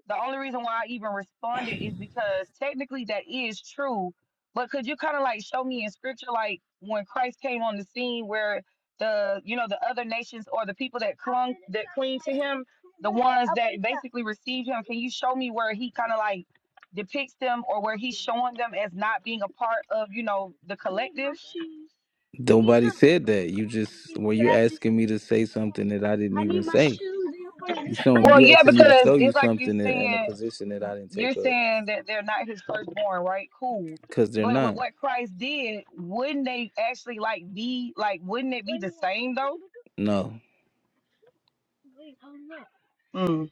[SPEAKER 10] the only reason why I even responded is because technically that is true. But could you kind of like show me in scripture, like when Christ came on the scene, where the you know the other nations or the people that clung that cling to him, the ones that basically received him, can you show me where he kind of like depicts them or where he's showing them as not being a part of you know the collective?
[SPEAKER 13] Nobody said that. You just were you asking me to say something that I didn't even say. You so
[SPEAKER 10] Well,
[SPEAKER 13] you
[SPEAKER 10] yeah,
[SPEAKER 13] asking me to
[SPEAKER 10] because
[SPEAKER 13] show you
[SPEAKER 10] it's like you
[SPEAKER 13] something in in a
[SPEAKER 10] saying
[SPEAKER 13] position that I didn't
[SPEAKER 10] you're
[SPEAKER 13] take up
[SPEAKER 10] saying that they're not his firstborn, right? Cool.
[SPEAKER 13] because they're
[SPEAKER 10] But with
[SPEAKER 13] not.
[SPEAKER 10] what Christ did, wouldn't they actually like be like? Wouldn't it be the same though?
[SPEAKER 13] No.
[SPEAKER 10] Mm,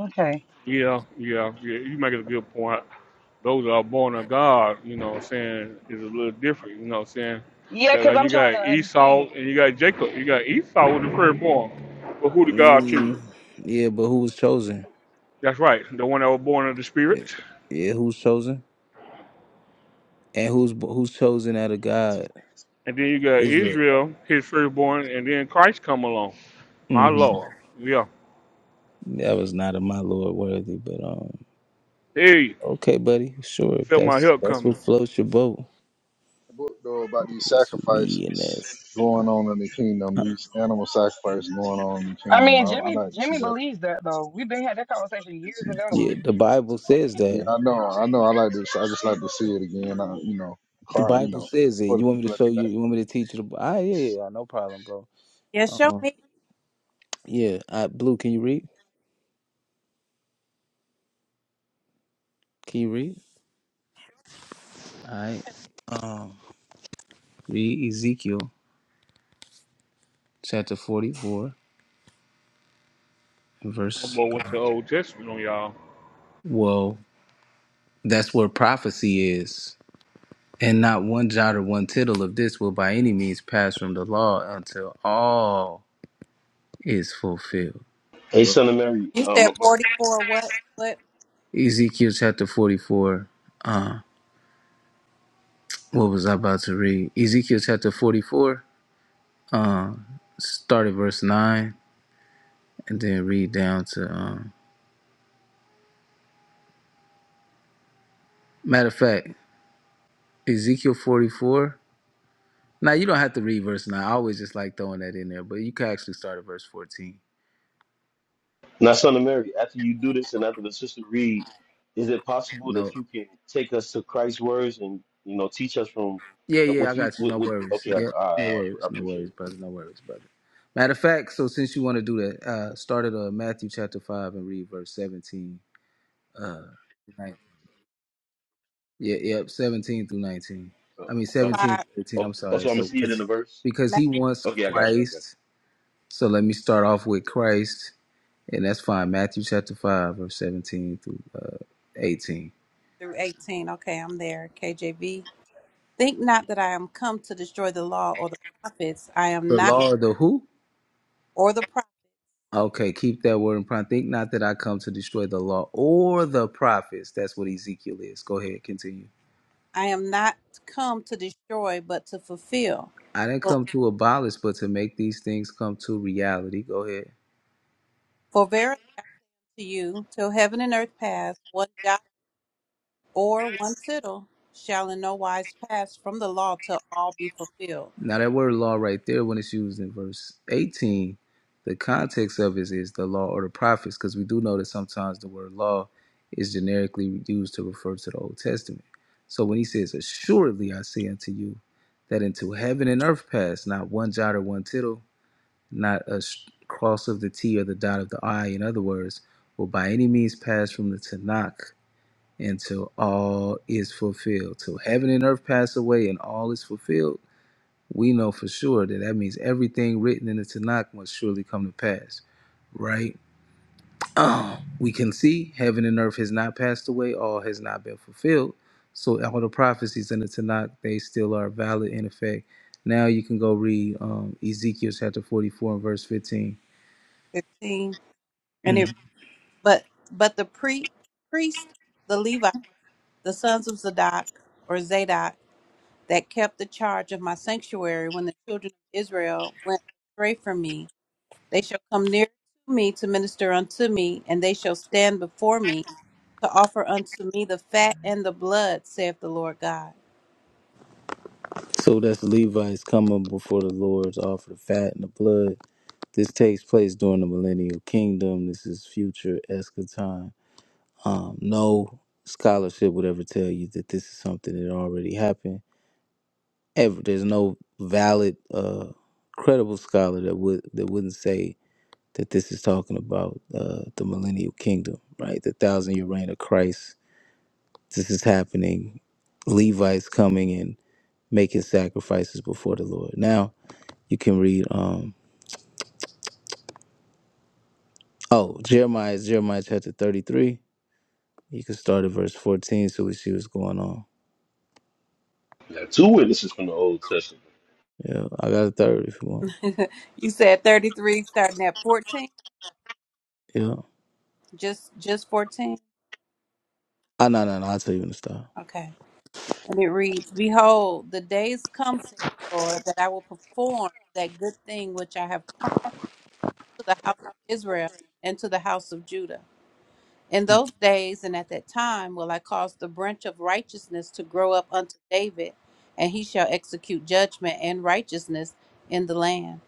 [SPEAKER 10] okay.
[SPEAKER 3] Yeah, yeah, yeah. You make a good point. Those that are born of God, you know what I'm saying, is a little different, you know what I'm saying?
[SPEAKER 10] Yeah,
[SPEAKER 3] That
[SPEAKER 10] because
[SPEAKER 3] like
[SPEAKER 10] I'm
[SPEAKER 3] you
[SPEAKER 10] trying
[SPEAKER 3] got
[SPEAKER 10] to
[SPEAKER 3] Esau
[SPEAKER 10] understand.
[SPEAKER 3] and you got Jacob. You got Esau with the firstborn. But who did God choose?
[SPEAKER 13] Mm, yeah, but who was chosen?
[SPEAKER 3] That's right, the one that was born of the spirit.
[SPEAKER 13] Yeah, who's chosen? and who's who's chosen out of God,
[SPEAKER 3] And then you got
[SPEAKER 13] Israel.
[SPEAKER 3] Israel, his firstborn, and then Christ come along. My
[SPEAKER 13] hmm
[SPEAKER 3] Lord. Yeah.
[SPEAKER 13] That was not of my Lord worthy, but um,
[SPEAKER 3] Hey,
[SPEAKER 13] okay, buddy, sure. If
[SPEAKER 3] felt my
[SPEAKER 13] that's
[SPEAKER 3] help
[SPEAKER 13] that's what
[SPEAKER 3] coming.
[SPEAKER 13] floats your boat,
[SPEAKER 1] the book though about these
[SPEAKER 13] it's with
[SPEAKER 1] sacrifices
[SPEAKER 13] me and that's
[SPEAKER 1] going
[SPEAKER 13] Huh,
[SPEAKER 1] on in the kingdom, these animal sacrifices going on in the
[SPEAKER 10] I
[SPEAKER 1] kingdom.
[SPEAKER 10] mean,
[SPEAKER 1] I,
[SPEAKER 10] Jimmy
[SPEAKER 1] I like to see
[SPEAKER 10] Jimmy
[SPEAKER 1] that.
[SPEAKER 10] believes that though. We've been had that conversation years ago.
[SPEAKER 13] yeah. The Bible says
[SPEAKER 1] Yeah,
[SPEAKER 13] that.
[SPEAKER 1] I know, I know. I like to. I just like to see it again. I, you know,
[SPEAKER 13] The
[SPEAKER 1] car, you
[SPEAKER 13] Bible
[SPEAKER 1] know,
[SPEAKER 13] says it.
[SPEAKER 1] for the
[SPEAKER 13] You want me to
[SPEAKER 1] people at
[SPEAKER 13] show
[SPEAKER 1] the
[SPEAKER 13] you?
[SPEAKER 1] back.
[SPEAKER 13] You want me to teach you? The, ah, yeah, yeah, yeah, no problem, bro.
[SPEAKER 6] Yes, show
[SPEAKER 13] Um,
[SPEAKER 6] me.
[SPEAKER 13] yeah, I, Blue, can you read? Can you read? All right. Um, read Ezekiel chapter forty-four,
[SPEAKER 3] My
[SPEAKER 13] verse.
[SPEAKER 3] boy went to the Old Testament on y'all.
[SPEAKER 13] Well, that's where prophecy is. And not one jot or one tittle of this will by any means pass from the law until all is fulfilled.
[SPEAKER 7] Hey, Son of Mary,
[SPEAKER 6] You said
[SPEAKER 7] um,
[SPEAKER 6] forty four what what
[SPEAKER 13] Ezekiel chapter 44. Uh, what was I about to read? Ezekiel chapter 44. Uh, start at verse 9 and then read down to. Um, matter of fact, Ezekiel 44. Now, you don't have to read verse 9. I always just like throwing that in there, but you can actually start at verse 14.
[SPEAKER 7] Now, son of Mary, after you do this and after the sister read, is it possible
[SPEAKER 13] No.
[SPEAKER 7] that you can take us to Christ's words and you know teach us from
[SPEAKER 13] Yeah,
[SPEAKER 7] uh,
[SPEAKER 13] yeah,
[SPEAKER 7] what
[SPEAKER 13] I
[SPEAKER 7] you
[SPEAKER 13] got you.
[SPEAKER 7] what,
[SPEAKER 13] No
[SPEAKER 7] what
[SPEAKER 13] worries.
[SPEAKER 7] okay I,
[SPEAKER 13] Yeah, no
[SPEAKER 7] I, I
[SPEAKER 13] worries. No
[SPEAKER 7] appreciate
[SPEAKER 13] worries,
[SPEAKER 7] it.
[SPEAKER 13] brother. No worries, brother. Matter of fact, so since you want to do that, uh, start at uh, Matthew chapter 5 and read verse 17. Uh, right. Yeah, yep, 17 through 19.
[SPEAKER 7] Oh,
[SPEAKER 13] I mean,
[SPEAKER 7] oh,
[SPEAKER 13] 17
[SPEAKER 6] five
[SPEAKER 13] through 18.
[SPEAKER 7] oh,
[SPEAKER 13] I'm
[SPEAKER 7] oh,
[SPEAKER 13] sorry.
[SPEAKER 7] so I'm gonna
[SPEAKER 13] So,
[SPEAKER 7] see it in
[SPEAKER 13] cause,
[SPEAKER 7] the verse.
[SPEAKER 13] because
[SPEAKER 6] Matthew
[SPEAKER 13] he wants
[SPEAKER 7] Okay, I got you. I got
[SPEAKER 13] Christ. So let me start off with Christ, and that's fine. Matthew chapter 5, verse 17 through uh, 18.
[SPEAKER 6] through eighteen. Okay, I'm there. KJV. Think not that I am come to destroy the law or the prophets. I am
[SPEAKER 13] The
[SPEAKER 6] not,
[SPEAKER 13] law of the who?
[SPEAKER 6] or the prophets.
[SPEAKER 13] Okay, keep that word in prime. Think not that I come to destroy the law or the prophets. That's what Ezekiel is. Go ahead, continue.
[SPEAKER 6] I am not come to destroy, but to fulfill.
[SPEAKER 13] I didn't
[SPEAKER 6] For
[SPEAKER 13] come to abolish, but to make these things come to reality. Go ahead.
[SPEAKER 6] for verily I say to you, till heaven and earth pass, one jot or one tittle shall in no wise pass from the law till all be fulfilled.
[SPEAKER 13] Now that word law right there, when it's used in verse 18, the context of it is the law or the prophets, because we do know that sometimes the word law is generically used to refer to the Old Testament. So when he says, Assuredly I say unto you, that until heaven and earth pass, not one jot or one tittle not a cross of the T or the dot of the I, in other words, will by any means pass from the Tanakh until all is fulfilled. Till heaven and earth pass away and all is fulfilled, we know for sure that that means everything written in the Tanakh must surely come to pass, right? Oh, we can see heaven and earth has not passed away, all has not been fulfilled. So all the prophecies in the Tanakh, they still are valid in effect. Now you can go read um, Ezekiel chapter 44 and verse 15.
[SPEAKER 6] Fifteen. And it, but but the pre, priest, the Levite, the sons of Zadok or Zadok, that kept the charge of my sanctuary when the children of Israel went astray from me They shall come near to me to minister unto me, and they shall stand before me to offer unto me the fat and the blood, saith the Lord God.
[SPEAKER 13] So that's the Levites coming before the Lord's offer the fat and the blood. This takes place during the millennial kingdom. This is future eschaton. Um, no scholarship would ever tell you that this is something that already happened. Ever there's no valid, uh, credible scholar that would that wouldn't say that this is talking about uh, the millennial kingdom, right? The thousand year reign of Christ. This is happening. Levites coming and making sacrifices before the Lord now You can read um oh Jeremiah is Jeremiah chapter thirty three. You can start at verse fourteen so we see what's going on.
[SPEAKER 7] you. We got two witnesses from the Old Testament.
[SPEAKER 13] Yeah, I got a third if you want.
[SPEAKER 6] you said 33, starting at 14?
[SPEAKER 13] Yeah.
[SPEAKER 6] Just just 14?
[SPEAKER 13] Ah no no no, I'll tell you when to stop.
[SPEAKER 6] Okay. And it reads, Behold, the days come, saith the Lord, that I will perform that good thing which I have promised to the house of Israel and to the house of Judah. In those days and at that time will I cause the branch of righteousness to grow up unto David, and he shall execute judgment and righteousness in the land.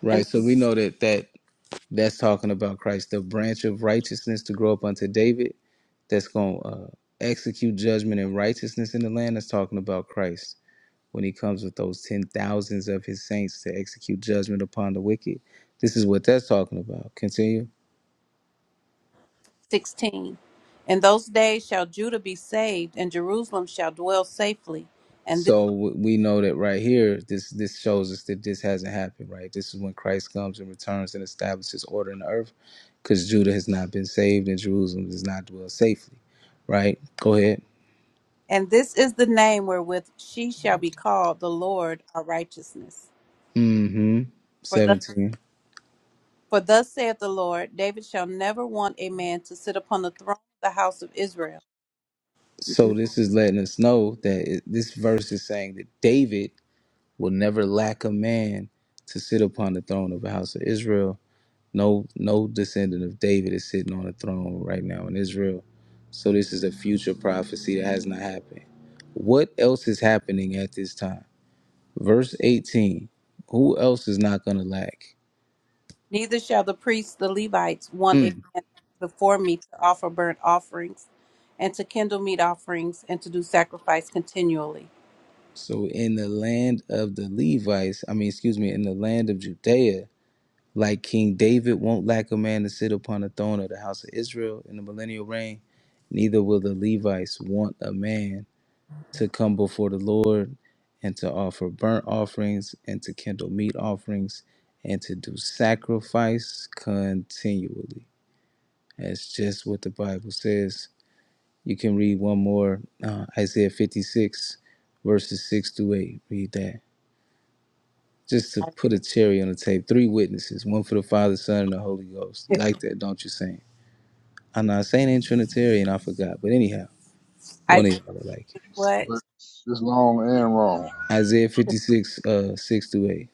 [SPEAKER 13] Right.
[SPEAKER 6] And
[SPEAKER 13] So we know that that that's talking about Christ, the branch of righteousness to grow up unto David that's gonna uh, execute judgment and righteousness in the land. That's talking about Christ when he comes with those ten thousands of his saints to execute judgment upon the wicked. This is what that's talking about. Continue.
[SPEAKER 6] 16. In those days shall Judah be saved, and Jerusalem shall dwell safely. And this,
[SPEAKER 13] So w- we know that right here, this this shows us that this hasn't happened, right? This is when Christ comes and returns and establishes order in the earth, because Judah has not been saved and Jerusalem does not dwell safely, right? Go ahead.
[SPEAKER 6] and this is the name wherewith she shall be called the Lord our righteousness.
[SPEAKER 13] Mm-hmm.
[SPEAKER 6] For thus,
[SPEAKER 13] Seventeen.
[SPEAKER 6] for thus saith the Lord, David shall never want a man to sit upon the throne of the house of Israel.
[SPEAKER 13] So this is letting us know that it, this verse is saying that David will never lack a man to sit upon the throne of the house of Israel No, no descendant of David is sitting on a throne right now in Israel. So this is a future prophecy that has not happened. What else is happening at this time? Verse 18. Who else is not going to lack?
[SPEAKER 6] Neither shall the priests, the Levites, want a
[SPEAKER 13] Hmm.
[SPEAKER 6] man before me to offer burnt offerings and to kindle meat offerings and to do sacrifice continually.
[SPEAKER 13] So in the land of the Levites, I mean, excuse me, in the land of Judea, like King David won't lack a man to sit upon the throne of the house of Israel in the millennial reign, neither will the Levites want a man to come before the Lord and to offer burnt offerings and to kindle meat offerings and to do sacrifice continually. That's just what the Bible says. You can read one more uh, Isaiah 56, verses 6 to 8. Read that. Just to put a cherry on the tape, three witnesses, one for the Father, Son, and the Holy Ghost. You like that, don't you, Saint? I'm not saying in Trinitarian, I forgot. But anyhow,
[SPEAKER 6] Isaiah
[SPEAKER 13] one
[SPEAKER 6] 6,
[SPEAKER 13] of y'all will like it.
[SPEAKER 6] what?
[SPEAKER 1] But it's long and wrong.
[SPEAKER 13] Isaiah 56, uh, 6 to 8.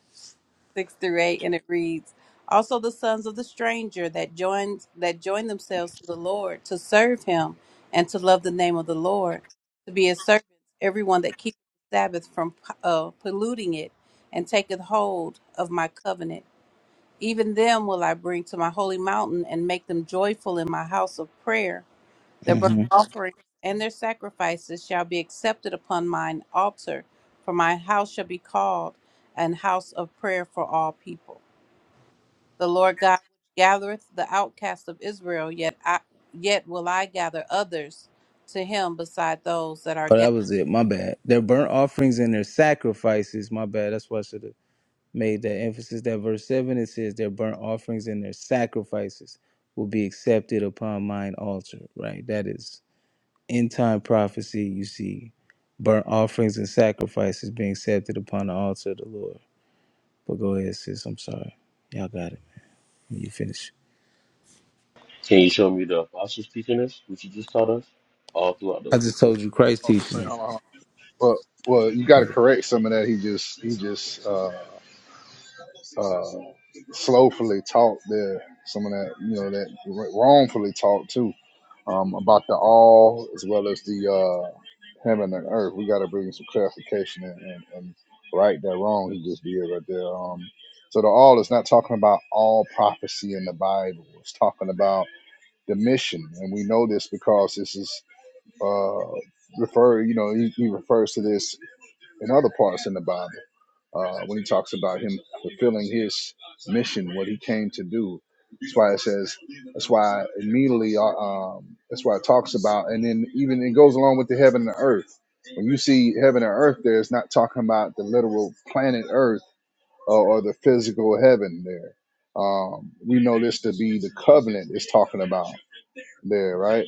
[SPEAKER 6] 6 through 8, and it reads, Also the sons of the stranger that joins that join themselves to the Lord to serve him and to love the name of the Lord, to be his servants, everyone that keeps the Sabbath from uh, polluting it and taketh hold of my covenant. Even them will I bring to my holy mountain and make them joyful in my house of prayer. Their burnt
[SPEAKER 13] Mhm.
[SPEAKER 6] offerings and their sacrifices shall be accepted upon mine altar, for my house shall be called an house of prayer for all people. The Lord God gathereth the outcasts of Israel, yet I, yet will I gather others to him beside those that are
[SPEAKER 13] Oh,
[SPEAKER 6] gathered.
[SPEAKER 13] that was it. My bad. Their burnt offerings and their sacrifices. My bad. That's why I should have made that emphasis. That verse 7, it says, Their burnt offerings and their sacrifices will be accepted upon mine altar, right? That is end time prophecy. You see burnt offerings and sacrifices being accepted upon the altar of the Lord. But go ahead, sis. I'm sorry. Y'all got it. You finish.
[SPEAKER 7] Can you show me the apostles teaching us, what you just taught us, all throughout the
[SPEAKER 13] I
[SPEAKER 7] Old
[SPEAKER 13] just told you
[SPEAKER 7] Testament?
[SPEAKER 13] Christ
[SPEAKER 1] Hold on, say,
[SPEAKER 13] teaching.
[SPEAKER 1] hold on, hold on. But well, you
[SPEAKER 13] it.
[SPEAKER 1] got to correct some of that. He just, he just, uh, uh, slowfully taught there. Some of that, you know, that wrongfully taught too. um, about the all as well as the uh, heaven and earth. We got to bring some clarification and, and, and right that wrong he just did right there. Um, so the all is not talking about all prophecy in the Bible. It's talking about the mission, and we know this because this is uh, refer. You know, he, he refers to this in other parts in the Bible uh, when he talks about him fulfilling his mission, what he came to do. That's why it says. That's why immediately. uh, Um, that's why it talks about, and then even it goes along with the heaven and the earth. When you see heaven and earth, there, it's not talking about the literal planet Earth or, or the physical heaven there. Um, we know this to be the covenant it's talking about there, right?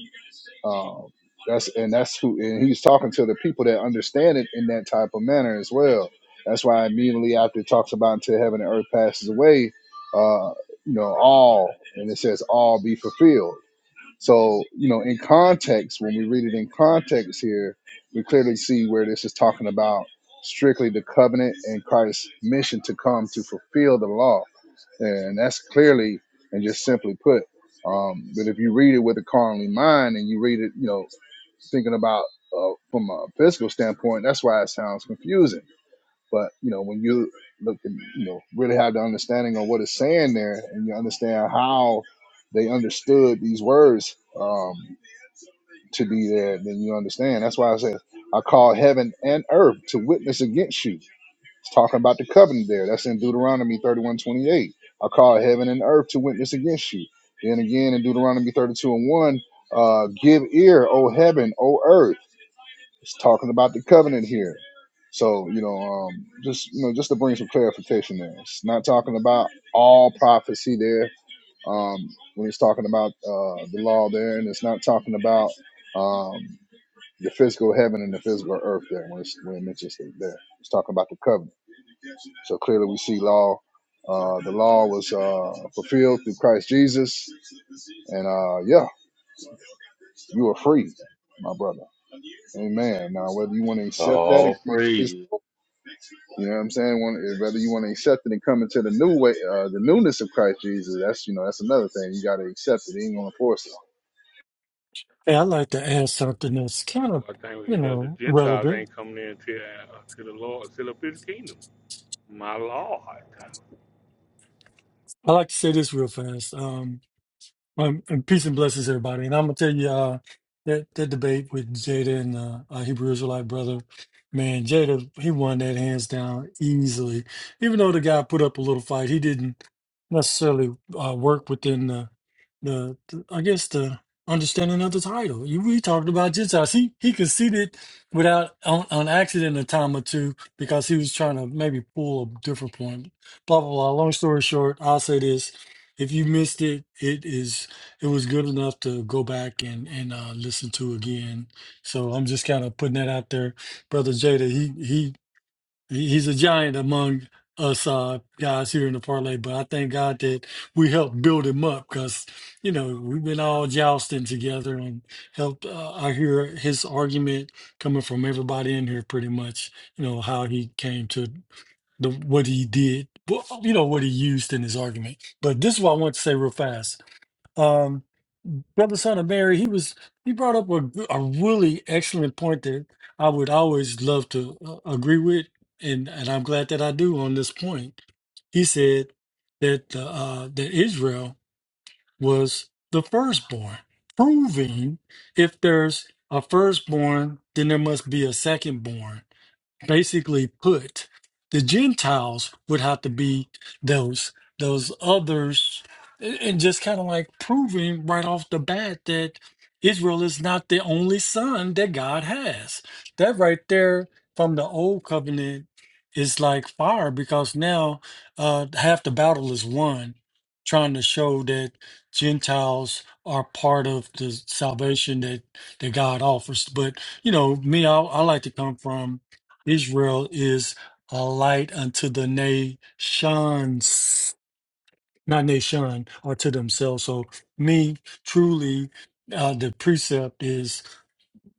[SPEAKER 1] Um, that's and that's who and he's talking to the people that understand it in that type of manner as well. That's why immediately after it talks about until heaven and earth passes away, uh, you know, all and it says all be fulfilled. So, you know, in context, when we read it in context here, we clearly see where this is talking about strictly the covenant and Christ's mission to come to fulfill the law and that's clearly and just simply put. Um, but if you read it with a carnally mind and you read it, you know, thinking about uh, from a physical standpoint, that's why it sounds confusing. But you know, when you look and you know really have the understanding of what it's saying there, and you understand how they understood these words um, to be there, then you understand. That's why I said I call heaven and earth to witness against you it's talking about the covenant there. That's in Deuteronomy 31 28. I call heaven and earth to witness against you. Then again in Deuteronomy 32 and 1, uh, give ear, O heaven, O earth. It's talking about the covenant here. So, you know, um, just you know, just to bring some clarification there. It's not talking about all prophecy there. Um, when it's talking about uh, the law there, and it's not talking about um, the physical heaven and the physical earth there when, it's, when it mentions it there. It's talking about the covenant. So clearly, we see law. Uh, the law was uh, fulfilled through Christ Jesus, and uh, yeah, you are free, my brother. Amen. Now, whether you want to accept that and
[SPEAKER 7] All
[SPEAKER 1] come to this,
[SPEAKER 7] praises,
[SPEAKER 1] you know what I'm saying. One- Whether you want to accept it and come into the new way, uh, the newness of Christ Jesus. That's you know that's another thing. You got to accept it. He ain't gonna force it.
[SPEAKER 14] Hey, I'd like to add something that's kind
[SPEAKER 3] That boy,
[SPEAKER 14] of,
[SPEAKER 3] I think
[SPEAKER 14] you
[SPEAKER 3] you know, the
[SPEAKER 14] know,
[SPEAKER 3] Gentiles
[SPEAKER 14] relevant.
[SPEAKER 3] ain't coming in until, until the Lord, until up his kingdom. My Lord.
[SPEAKER 14] I like to say this real fast. Um, um, and peace and blessings, everybody. And I'm gonna tell you uh, that that debate with Jada and uh, our Hebrew Israelite brother, man, Jada, he won that hands down easily. Even though the guy put up a little fight, he didn't. necessarily uh, work within the, the, the- I guess, the understanding of the title. You we talked about Gentiles. He he conceded without on, on accident a time or two because he was trying to maybe pull a different point. Blah blah blah. Long story short, I'll say this: if you missed it, it is it was good enough to go back and and uh, listen to again. So I'm just kind of putting that out there, brother Jada. He he- He's a giant among us uh, guys here in the parlay, but I thank God that we helped build him up because, you know, we've been all jousting together and helped. Uh, I hear his argument coming from everybody in here pretty much, you know, how he came to the what he did, wh- you know, what he used in his argument. But this is what I want to say real fast um, brother son of Mary, he was he brought up a, g- a really excellent point that I would always love to uh, agree with, and and I'm glad that I do on this point. He said that uh, that Israel was the firstborn, proving if there's a firstborn, then there must be a secondborn basically put the Gentiles would have to be those those others, and and just kind of like proving right off the bat that Israel is not the only son that God has. That right there from the old covenant is like fire because now uh, half the battle is won, trying to show that Gentiles are part of the salvation that that God offers. But you know, me, I, I like to come from Israel is a light unto the nations, not nation, or to themselves. So, me, truly, uh, the precept is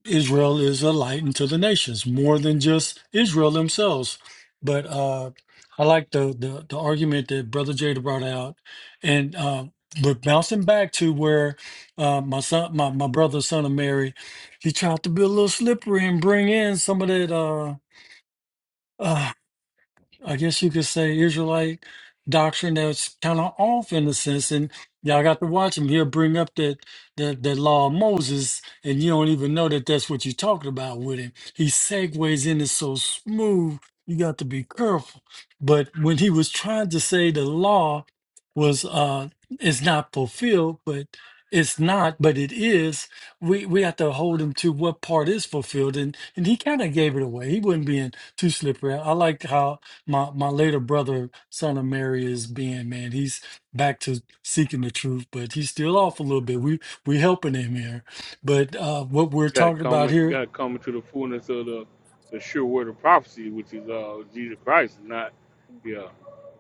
[SPEAKER 14] Israel is a light unto the nations, more than just Israel themselves. But uh, I like the, the the argument that Brother Jada brought out, and uh, but bouncing back to where uh, my son, my my brother, son of Mary, he tried to be a little slippery and bring in some of that. Uh, I guess you could say Israelite doctrine that's kind of off in a sense, and y'all got to watch him. He'll bring up that that that law of Moses, and you don't even know that that's what you're talking about with him. He segues in it so smooth. You got to be careful. But when he was trying to say the law was uh is not fulfilled, but it's not, but it is. We we have to hold him to what part is fulfilled, and and he kind of gave it away. He wasn't being too slippery. I like how my my later brother, son of Mary, is being, man. He's back to seeking the truth, but he's still off a little bit. We we helping him here, but uh, what we're
[SPEAKER 3] Gotta
[SPEAKER 14] talking about
[SPEAKER 3] come
[SPEAKER 14] here
[SPEAKER 3] gotta come into the fullness of the, the sure word of prophecy, which is uh Jesus Christ, not yeah,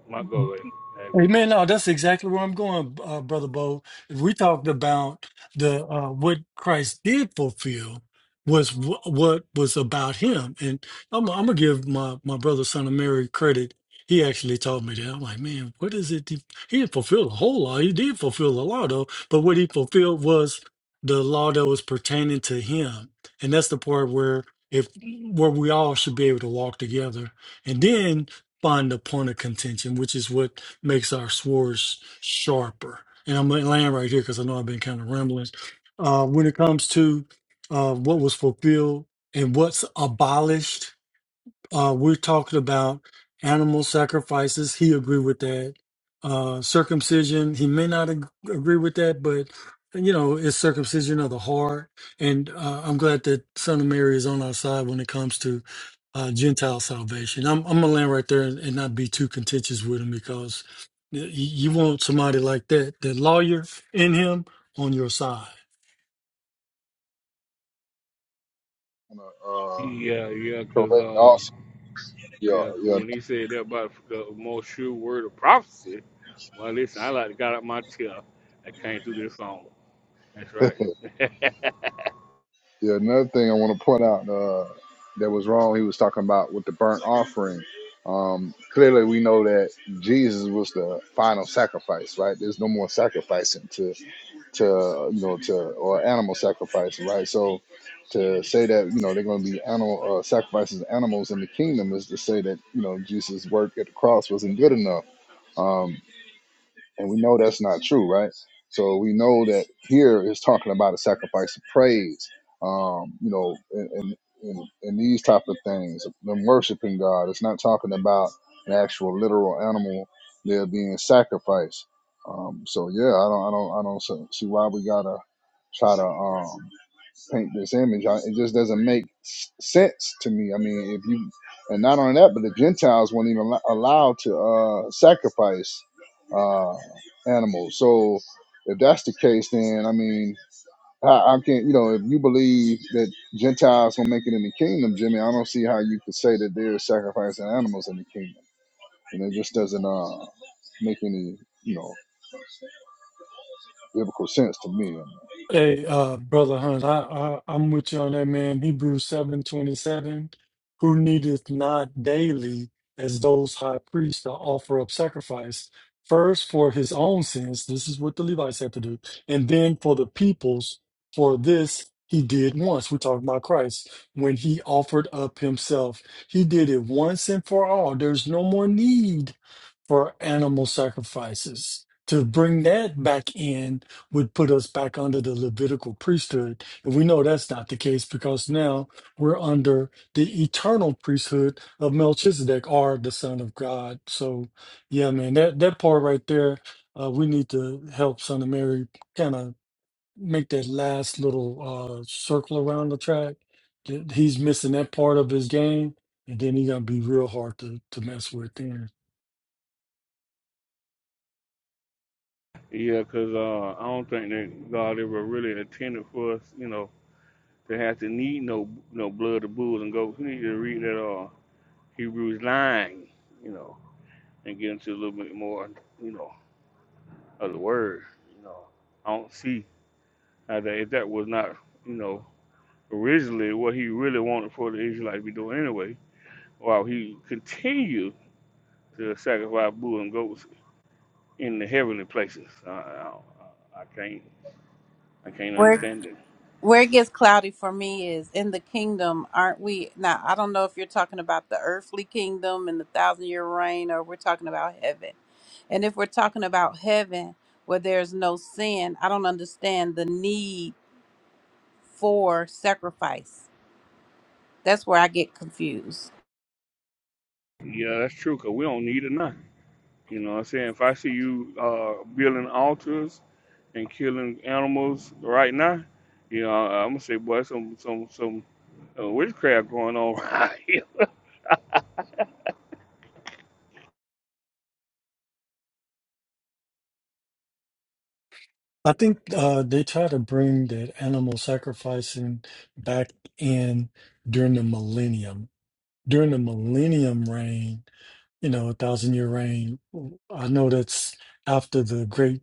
[SPEAKER 3] my go ahead.
[SPEAKER 14] Hey, man, no, that's exactly where I'm going, uh, Brother Bo. If we talked about the uh, what Christ did fulfill was w- what was about him. And I'm, I'm going to give my, my brother, son of Mary, credit. He actually taught me that. I'm like, man, what is it? He, he didn't fulfill the whole law. He did fulfill the law, though. But what he fulfilled was the law that was pertaining to him. And that's the part where if where we all should be able to walk together. And then find the point of contention, which is what makes our swords sharper. And I'm gonna land right here because I know I've been kind of rambling. Uh, when it comes to uh, what was fulfilled and what's abolished, uh, we're talking about animal sacrifices. He agreed with that. Uh, circumcision. He may not ag- agree with that, but you know, it's circumcision of the heart. And uh, I'm glad that Son of Mary is on our side when it comes to uh, Gentile salvation. I'm, I'm gonna land right there and, and not be too contentious with him because y- you want somebody like that, that lawyer in him, on your side.
[SPEAKER 1] Gonna Uh,
[SPEAKER 3] Amen. Yeah, yeah, cause
[SPEAKER 1] correct.
[SPEAKER 3] uh
[SPEAKER 1] Also, yeah,
[SPEAKER 3] yeah, 'cause
[SPEAKER 1] yeah.
[SPEAKER 3] when he said that about the most sure word of prophecy, well listen, I like got out my chair and came through this phone. That's right.
[SPEAKER 1] Yeah, another thing I want to point out uh, that was wrong, he was talking about with the burnt offering. Um, clearly, we know that Jesus was the final sacrifice, right? There's no more sacrificing to, to you know, to or animal sacrifice, right? So, to say that you know they're going to be animal uh, sacrifices of animals in the kingdom is to say that you know Jesus' work at the cross wasn't good enough. Um, and we know that's not true, right? So we know that here is talking about a sacrifice of praise, um, you know, and and, and and these type of things, them worshiping God. It's not talking about an actual literal animal there being sacrificed. Um, so yeah, I don't, I don't, I don't see see why we gotta try to. Um, paint this image. I, it just doesn't make sense to me. I mean, if you, and not only that, but the Gentiles weren't even allo- allowed to uh, sacrifice uh, animals. So if that's the case, then I mean, I, I can't, you know, if you believe that Gentiles will make it in the kingdom, Jimmy, I don't see how you could say that they're sacrificing animals in the kingdom. And it just doesn't uh, make any, you know, biblical sense to me.
[SPEAKER 14] Hey, uh, brother Hunt, I, I I'm with you on that man. Hebrews seven twenty seven, who needeth not daily as those high priests to offer up sacrifice first for his own sins. This is what the Levites had to do, and then for the people's. For this he did once. We're talking about Christ when he offered up himself. He did it once and for all. There's no more need for animal sacrifices to bring that back in would put us back under the Levitical priesthood. And we know that's not the case because now we're under the eternal priesthood of Melchizedek or the Son of God. So, yeah, man, that, that part right there, uh, we need to help Son of Mary kind of make that last little uh, circle around the track. Th- He's missing that part of his game, and then he's going to be real hard to, to mess with then.
[SPEAKER 3] yeah, cause uh I don't think that God ever really intended for us, you know, to have to need no no blood of bulls and goats. You need to read that uh, Hebrews 9, you know, and get into a little bit more, you know, of the word. You know, I don't see how that if that was not, you know, originally what he really wanted for the Israelites to be doing anyway, while he continued to sacrifice bull and goats in the heavenly places. I, I, I can't, I can't understand it.
[SPEAKER 6] Where it gets cloudy for me is in the kingdom, aren't we? Now, I don't know if you're talking about the earthly kingdom and the thousand year reign, or we're talking about heaven. And if we're talking about heaven where there's no sin, I don't understand the need for sacrifice. That's where I get confused.
[SPEAKER 3] Yeah, that's true. Cause we don't need it now. You know what I'm saying? If I see you uh, building altars and killing animals right now, you know, I'm gonna say, boy, some some some uh, witchcraft going on right here.
[SPEAKER 14] I think uh, they try to bring that animal sacrificing back in during the millennium. During the millennium reign, you know, a thousand year reign, I know that's after the great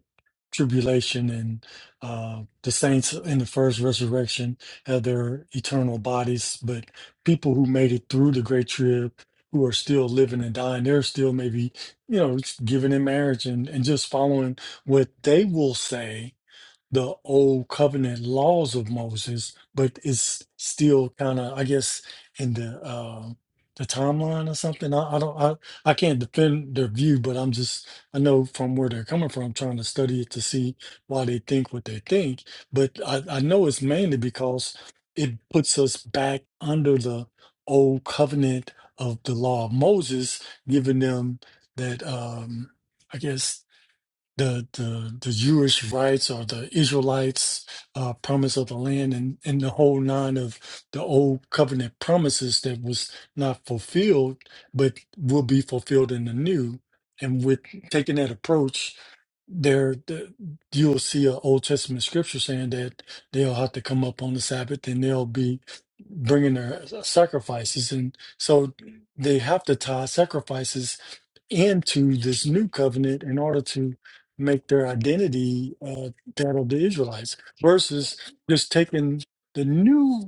[SPEAKER 14] tribulation and uh, the saints in the first resurrection have their eternal bodies, but people who made it through the great trib who are still living and dying, they're still maybe, you know, giving in marriage and, and just following what they will say the old covenant laws of Moses, but it's still kind of, I guess, in the uh, the timeline or something. I, I don't, I, I can't defend their view, but I'm just, I know from where they're coming from, trying to study it to see why they think what they think. But I, I know it's mainly because it puts us back under the old covenant of the law of Moses, giving them that, um, I guess the the the Jewish rights or the Israelites' uh, promise of the land and and the whole nine of the old covenant promises that was not fulfilled, but will be fulfilled in the new. And with taking that approach, there the, you'll see an Old Testament scripture saying that they'll have to come up on the Sabbath and they'll be bringing their uh, sacrifices, and so they have to tie sacrifices into this new covenant in order to make their identity uh, that of the Israelites versus just taking the New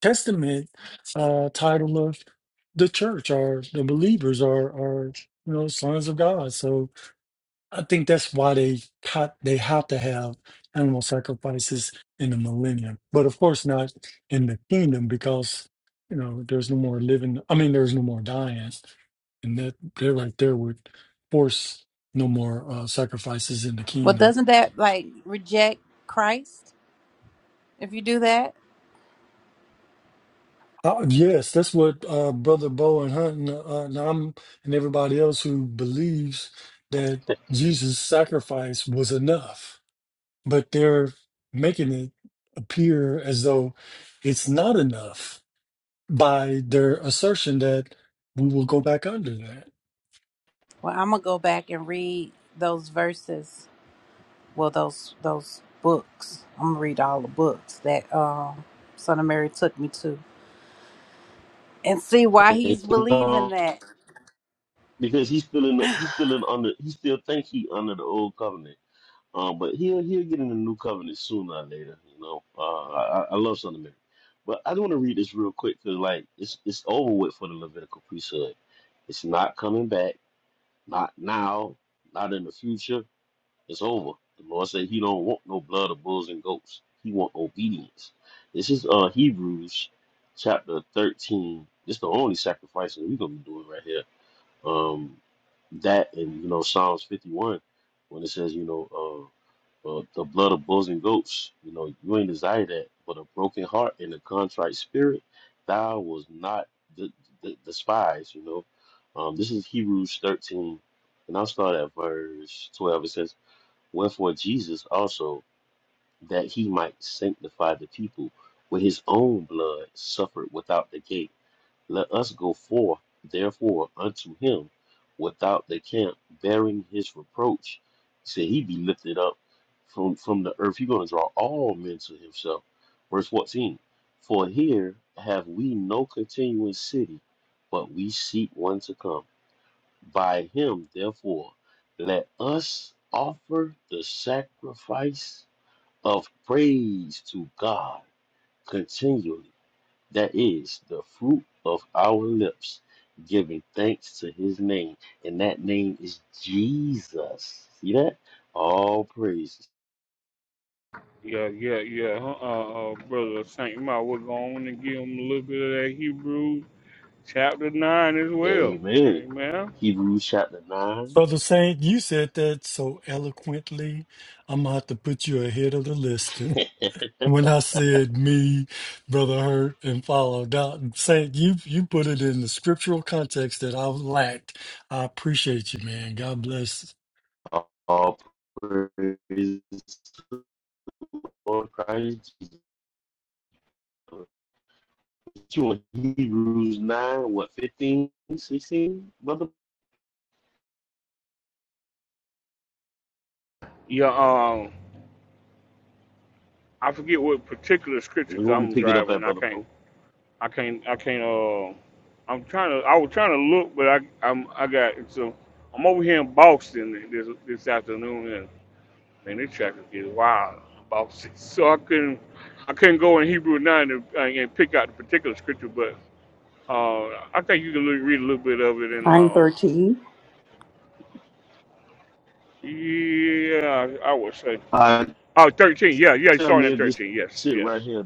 [SPEAKER 14] Testament uh, title of the church or the believers or, or you know sons of God. So I think that's why they cut, they have to have animal sacrifices in the millennium, but of course not in the kingdom because you know there's no more living. I mean, there's no more dying, and that they're right there would force no more uh, sacrifices in the
[SPEAKER 6] Well,
[SPEAKER 14] kingdom.
[SPEAKER 6] doesn't that like reject Christ if you do that?
[SPEAKER 14] Uh, yes, that's what uh, Brother Bo and Hunt and, uh, and I'm and everybody else who believes that Jesus' sacrifice was enough but they're making it appear as though it's not enough by their assertion that we will go back under that.
[SPEAKER 6] Well, I'm going to go back and read those verses well those those books i'm gonna read all the books that um son of mary took me to and see why he's
[SPEAKER 7] It's,
[SPEAKER 6] believing
[SPEAKER 7] um,
[SPEAKER 6] that
[SPEAKER 7] because he's still in the, he's still in under he still think he under the old covenant. Um, but he'll he'll get in the new covenant sooner or later. You know, uh, I, I I love Son of Mary, but I do want to read this real quick because like it's it's over with for the Levitical priesthood. It's not coming back. Not now. Not in the future. It's over. The Lord said He don't want no blood of bulls and goats. He want obedience. This is uh Hebrews chapter thirteen. This is the only sacrifice that we're gonna be doing right here. Um, that and you know Psalms 51 when it says you know uh, uh the blood of bulls and goats you know you ain't desire that but a broken heart and a contrite spirit thou was not the, the despise you know um this is Hebrews 13 and I'll start at verse 12 it says wherefore Jesus also that he might sanctify the people with his own blood suffered without the gate let us go forth, therefore, unto him without the camp, bearing his reproach. He said, He be lifted up from, from the earth. He's going to draw all men to himself. Verse 14 For here have we no continuing city, but we seek one to come. By him, therefore, let us offer the sacrifice of praise to God continually. That is the fruit of our lips, giving thanks to his name. And that name is Jesus. See that? All praises.
[SPEAKER 3] Yeah, yeah, yeah. Huh, Uh, uh, brother Saint, you might well go on and give him a little bit of that Hebrew chapter nine as well.
[SPEAKER 7] Amen.
[SPEAKER 3] Amen.
[SPEAKER 7] Hebrews chapter 9.
[SPEAKER 14] Brother Saint, you said that so eloquently. I'm gonna have to put you ahead of the list. When I said me, Brother Hurt, and followed out, Saint, you you put it in the scriptural context that I lacked. I appreciate you, man. God bless.
[SPEAKER 7] All praises to Lord Christ Jesus. You in Hebrews 9, what, 15, 16? brother?
[SPEAKER 3] Yeah. Um, I forget what particular scripture
[SPEAKER 7] We
[SPEAKER 3] 'cause
[SPEAKER 7] want to
[SPEAKER 3] I'm
[SPEAKER 7] pick it up
[SPEAKER 3] driving.
[SPEAKER 7] at
[SPEAKER 3] I
[SPEAKER 7] brother
[SPEAKER 3] can't
[SPEAKER 7] Bo.
[SPEAKER 3] I can't. I can't. Uh, I'm trying to. I was trying to look, but I. I'm. I got. So I'm over here in Boston this this afternoon, and man, this traffic is wild. in Boston. So I couldn't. I couldn't go in Hebrew nine and, and pick out the particular scripture, but uh, I think you can look, read a little bit of it, and
[SPEAKER 15] Nine
[SPEAKER 3] uh,
[SPEAKER 15] thirteen.
[SPEAKER 3] yeah, I would say.
[SPEAKER 7] Uh,
[SPEAKER 3] Oh, 13. Yeah, yeah.
[SPEAKER 7] Tell
[SPEAKER 3] Starting
[SPEAKER 7] me
[SPEAKER 3] at
[SPEAKER 7] if this
[SPEAKER 3] 13. Yes,
[SPEAKER 7] shit right
[SPEAKER 3] yes.
[SPEAKER 7] here,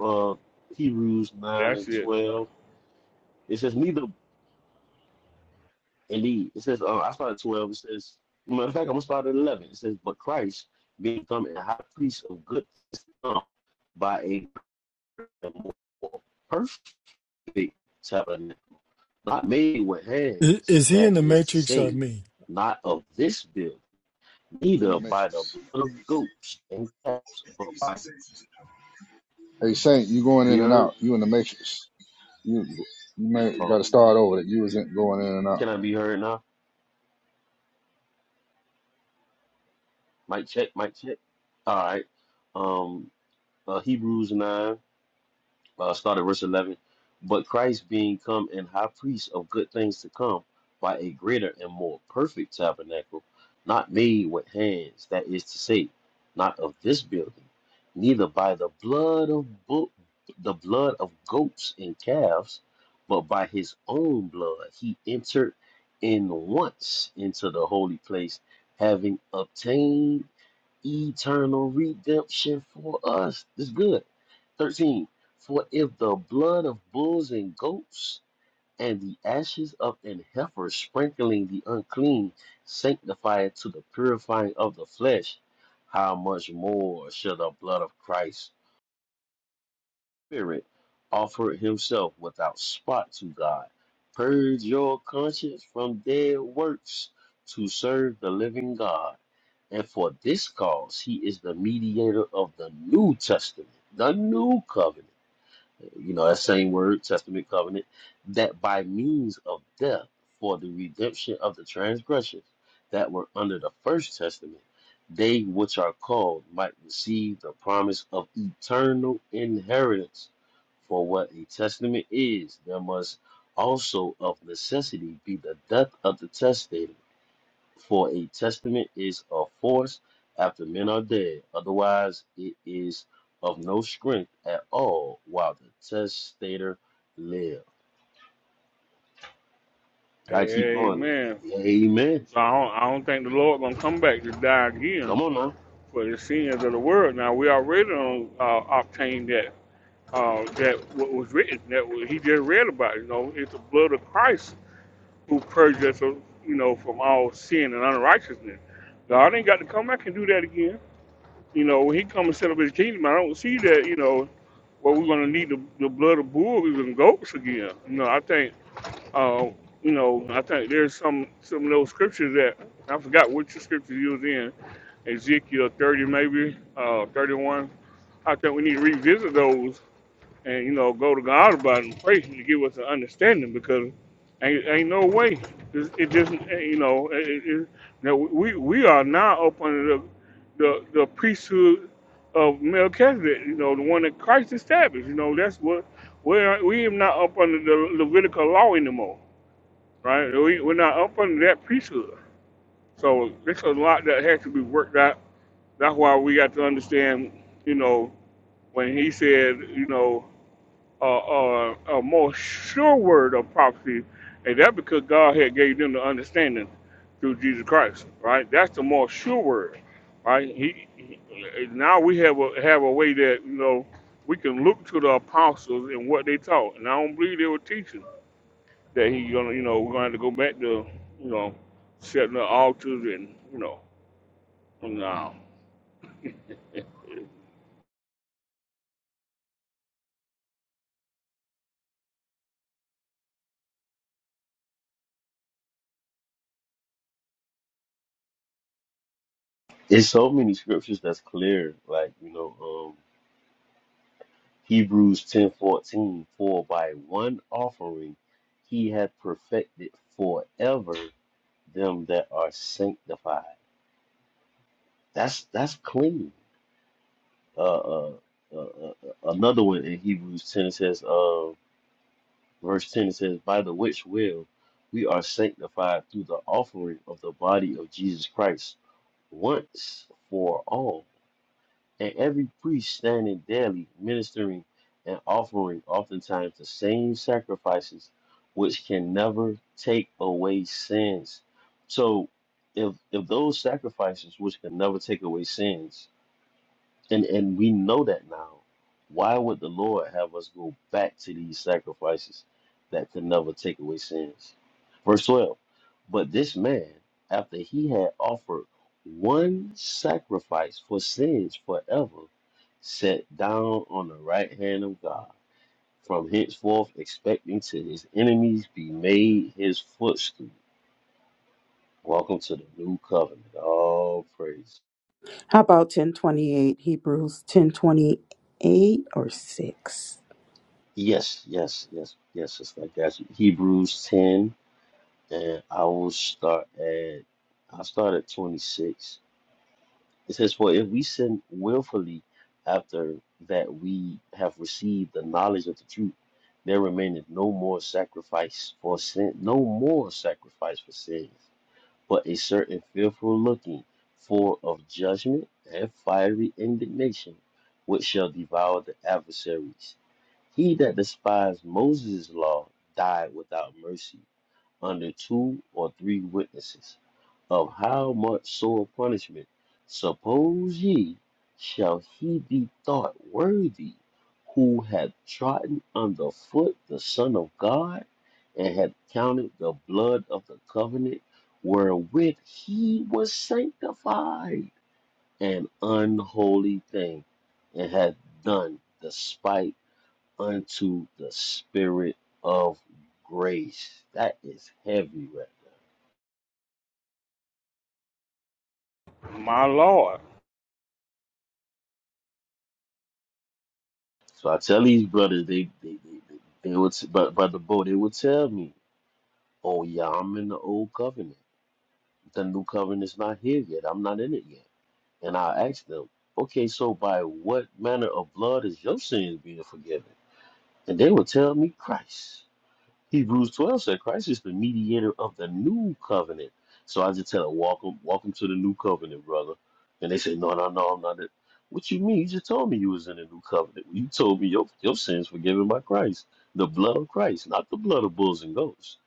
[SPEAKER 7] uh, Hebrews 9 and
[SPEAKER 3] That's it.
[SPEAKER 7] 12. It says, neither, indeed, it says, uh, I started 12. It says, matter of fact, I'm going to start at 11. It says, but Christ being become a high priest of good things by a more perfect tabernacle, not made with
[SPEAKER 14] I-
[SPEAKER 7] hands,
[SPEAKER 14] Is he
[SPEAKER 7] that
[SPEAKER 14] in the
[SPEAKER 7] is to
[SPEAKER 14] Matrix or
[SPEAKER 7] say,
[SPEAKER 14] me?
[SPEAKER 7] not of this build,
[SPEAKER 1] in the
[SPEAKER 7] neither by the
[SPEAKER 1] matrix.
[SPEAKER 7] blood of goats and calves, but by,
[SPEAKER 1] Hey, Saint, you going
[SPEAKER 7] be
[SPEAKER 1] in and
[SPEAKER 7] heard?
[SPEAKER 1] out. You in the matrix. You you may
[SPEAKER 7] Hold
[SPEAKER 1] gotta start over. That You wasn't going in and out.
[SPEAKER 7] Can I be heard now? Mic check, mic check. All right. Um, uh, Hebrews 9, uh, start at verse 11. But Christ being come and high priest of good things to come by a greater and more perfect tabernacle, not made with hands, that is to say, not of this building, neither by the blood of bo- the blood of goats and calves, but by his own blood he entered in once into the holy place, having obtained eternal redemption for us. This is good. 13. For if the blood of bulls and goats and the ashes of an heifer sprinkling the unclean sanctify it to the purifying of the flesh, how much more shall the blood of Christ's Spirit offer himself without spot to God? Purge your conscience from dead works to serve the living God. And for this cause, he is the mediator of the New Testament, the New Covenant. You know, that same word, Testament Covenant, that by means of death for the redemption of the transgressions that were under the First Testament, they which are called might receive the promise of eternal inheritance. For what a testament is, there must also of necessity be the death of the testator for a testament is of force after men are dead, otherwise it is of no strength at all while the testator live. I keep going.
[SPEAKER 3] Amen.
[SPEAKER 7] Amen.
[SPEAKER 3] So I don't, I don't think the Lord gonna come back to die again.
[SPEAKER 7] Come on now.
[SPEAKER 3] for the sins of the world. Now we already on, uh, obtained that uh, that what was written that he just read about. You know, it's the blood of Christ who purged us, uh, you know, from all sin and unrighteousness. God ain't got to come back and do that again. You know, when He come and set up His kingdom, I don't see that. You know, where we're gonna need the, the blood of bulls and goats again. You know, I think uh, you know, I think there's some some of those scriptures that I forgot which scripture you was in, Ezekiel 30 maybe, uh, 31. I think we need to revisit those and you know go to God about it and pray to give us an understanding because ain't, ain't no way it, it just eh, you know it, it, it- no, we we are now up under the the, the priesthood of Melchizedek, you know the one that Christ established. You know that's what we're we are not up under the Levitical law anymore right? We, we're not up under that priesthood. So there's a lot that has to be worked out. That's why we got to understand, you know, when he said, you know, uh, uh, a more sure word of prophecy, and that because God had gave them the understanding through Jesus Christ, right? That's the more sure word, right? He, he now we have a have a way that you know we can look to the apostles and what they taught, and I don't believe they were teaching that he gonna you know we're gonna have to go back to you know setting the altars and you know no
[SPEAKER 7] It's so many scriptures that's clear. Like, you know, um, Hebrews ten fourteen. for by one offering he hath perfected forever them that are sanctified. That's that's clean. uh, uh, uh, uh, uh, another one in Hebrews 10 it says, uh, verse 10 it says, By the which will we are sanctified through the offering of the body of Jesus Christ once for all. And every priest standing daily, ministering and offering oftentimes the same sacrifices, which can never take away sins. So, if, if those sacrifices, which can never take away sins, and and we know that now. Why would the Lord have us go back to these sacrifices that could never take away sins? Verse 12. But this man, after he had offered one sacrifice for sins forever, sat down on the right hand of God, from henceforth expecting to his enemies be made his footstool. Welcome to the new covenant. All praise.
[SPEAKER 15] How about ten twenty eight? Hebrews ten twenty eight or six.
[SPEAKER 7] Yes, yes, yes, yes. It's like that. Hebrews 10, and I will start at, i start at 26. It says, For if we sin willfully after that we have received the knowledge of the truth, there remaineth no more sacrifice for sin, no more sacrifice for sins but a certain fearful looking, full of judgment and fiery indignation, which shall devour the adversaries. He that despised Moses' law died without mercy under two or three witnesses of how much sore punishment suppose ye shall he be thought worthy who hath trodden under foot the Son of God and hath counted the blood of the covenant wherewith he was sanctified an unholy thing and hath done despite unto the spirit of grace. That is heavy right there.
[SPEAKER 3] my lord
[SPEAKER 7] So I tell these brothers, they they they, they, they would but but the boy, they would tell me, Oh yeah, I'm in the old covenant. The new covenant's not here yet. I'm not in it yet. And I ask them, Okay, so by what manner of blood is your sins being forgiven? And they would tell me Christ. Hebrews 12 said Christ is the mediator of the new covenant. So I just tell her, welcome, welcome to the new covenant, brother. And they say, no, no, no, I'm not it. What you mean? You just told me you was in the new covenant. You told me your, your sins forgiven by Christ, the blood of Christ, not the blood of bulls and goats.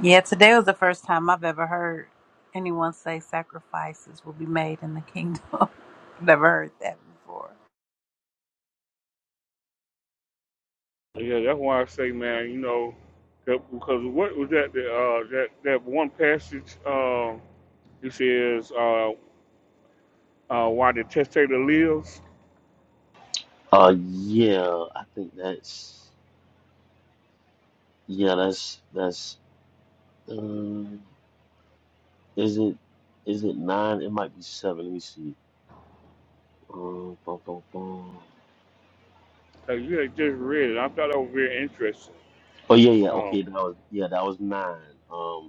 [SPEAKER 6] yeah today was the first time i've ever heard anyone say sacrifices will be made in the kingdom never heard that before
[SPEAKER 3] yeah that's why I say man you know that, because what was that the, uh that that one passage uh it says uh uh why the testator lives
[SPEAKER 7] Uh, yeah, I think that's, yeah, that's, that's, uh, is it, is it nine? It might be seven. Let me see. Uh, bum, bum, bum.
[SPEAKER 3] uh, you had just read it I thought that was very interesting
[SPEAKER 7] Oh yeah, yeah,
[SPEAKER 3] um
[SPEAKER 7] okay, that was, yeah, that was nine. Um,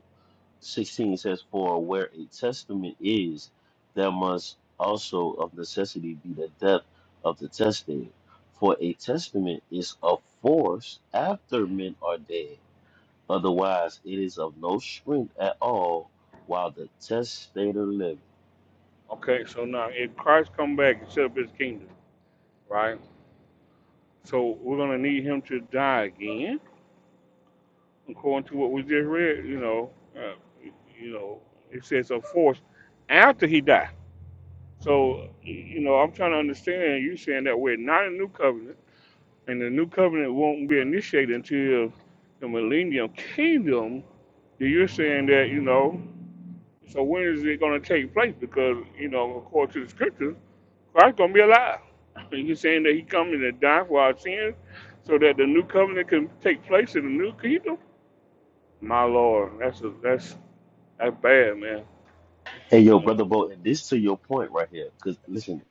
[SPEAKER 7] 16 says, For where a testament is, there must also of necessity be the death of the testator. For a testament is of force after men are dead. Otherwise, it is of no strength at all while the testator liveth.
[SPEAKER 3] okay so now if Christ come back and set up his kingdom right so we're gonna need him to die again according to what we just read, you know, uh, you know, it says of force after he died. So, you know, I'm trying to understand you saying that we're not a new covenant, and the new covenant won't be initiated until the millennium kingdom. Then You're saying that, you know, so when is it going to take place? Because, you know, according to the scriptures, Christ's going to be alive. And You're saying that he coming to die for our sins so that the new covenant can take place in the new kingdom? My Lord, that's a, that's That's bad, man.
[SPEAKER 7] Hey, yo,
[SPEAKER 3] Yeah.
[SPEAKER 7] Brother Bo, and this to your point right here. Because, listen,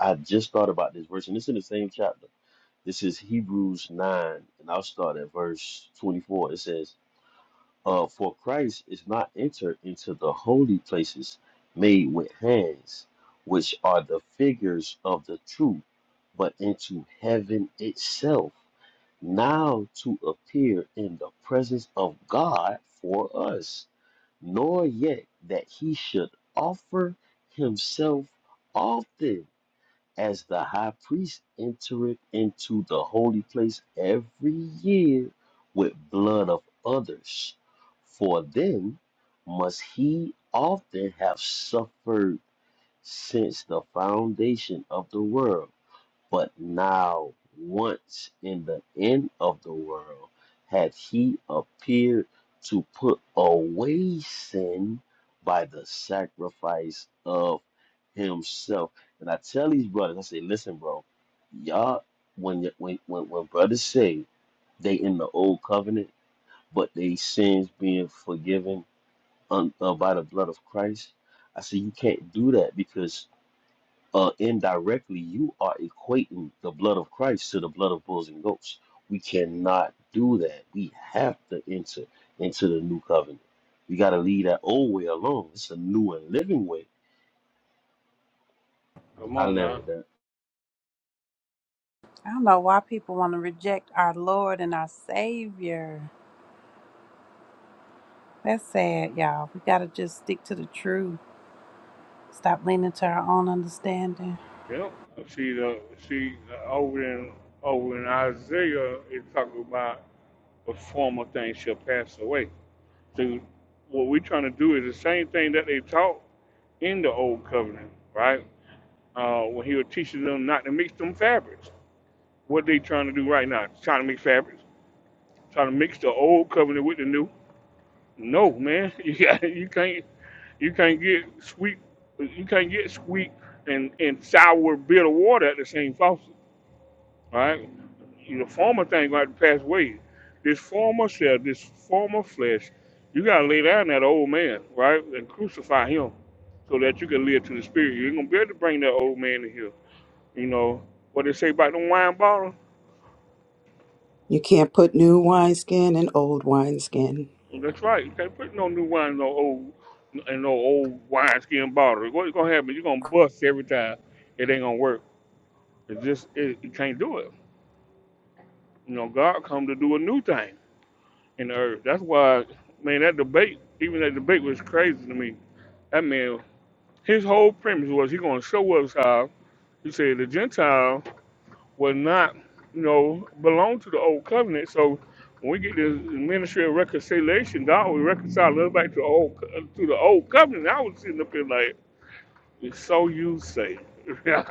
[SPEAKER 7] I just thought about this verse, and it's in the same chapter. This is Hebrews 9, and I'll start at verse 24. It says, Uh, for Christ is not entered into the holy places made with hands, which are the figures of the truth, but into heaven itself, now to appear in the presence of God for us, nor yet that he should offer himself often as the high priest entereth into the holy place every year with blood of others. For then must he often have suffered since the foundation of the world. But now, once in the end of the world, hath he appeared to put away sin by the sacrifice of himself. And I tell these brothers, I say, listen, bro, y'all, when y- when when, when brothers say they in the old covenant, but they sins being forgiven un, uh, by the blood of Christ, I say you can't do that because uh, indirectly, you are equating the blood of Christ to the blood of bulls and goats. We cannot do that. We have to enter into the new covenant. We got to leave that old way alone. It's a new and living way.
[SPEAKER 3] Come
[SPEAKER 7] I
[SPEAKER 3] on
[SPEAKER 7] land
[SPEAKER 3] now.
[SPEAKER 7] with that.
[SPEAKER 6] i don't know why people want to reject our lord and our savior that's sad y'all we gotta just stick to the truth stop leaning to our own understanding
[SPEAKER 3] Yep. See the see the, over in over in Isaiah it's talking about the former things shall pass away. So what we're trying to do is the same thing that they taught in the old covenant, right? Uh, when he was teaching them not to mix them fabrics. What they trying to do right now? Trying to mix fabrics? Trying to mix the old covenant with the new? No, man. You got you can't You can't get sweet. You can't get sweet and, and sour bitter water at the same faucet, right? The former thing gonna have to pass away. This former self, this former flesh, you gotta lay down that old man, right, and crucify him, so that you can live to the spirit. You ain't gonna be able to bring that old man in here. You know what they say about the wine bottle?
[SPEAKER 15] You can't put new wineskin in old wineskin.
[SPEAKER 3] That's right. You can't put no new wine in no old in no old wineskin bottle. What's gonna happen? You're gonna bust every time. It ain't gonna work. It's just it, you can't do it. You know, God come to do a new thing in the earth. That's why, man, that debate, even that debate was crazy to me. That man, his whole premise was he gonna show us how he said the Gentile was not, you know, belong to the old covenant. So when we get this ministry of reconciliation, God will reconcile us back to the old to the old covenant. I was sitting up here like, so you say,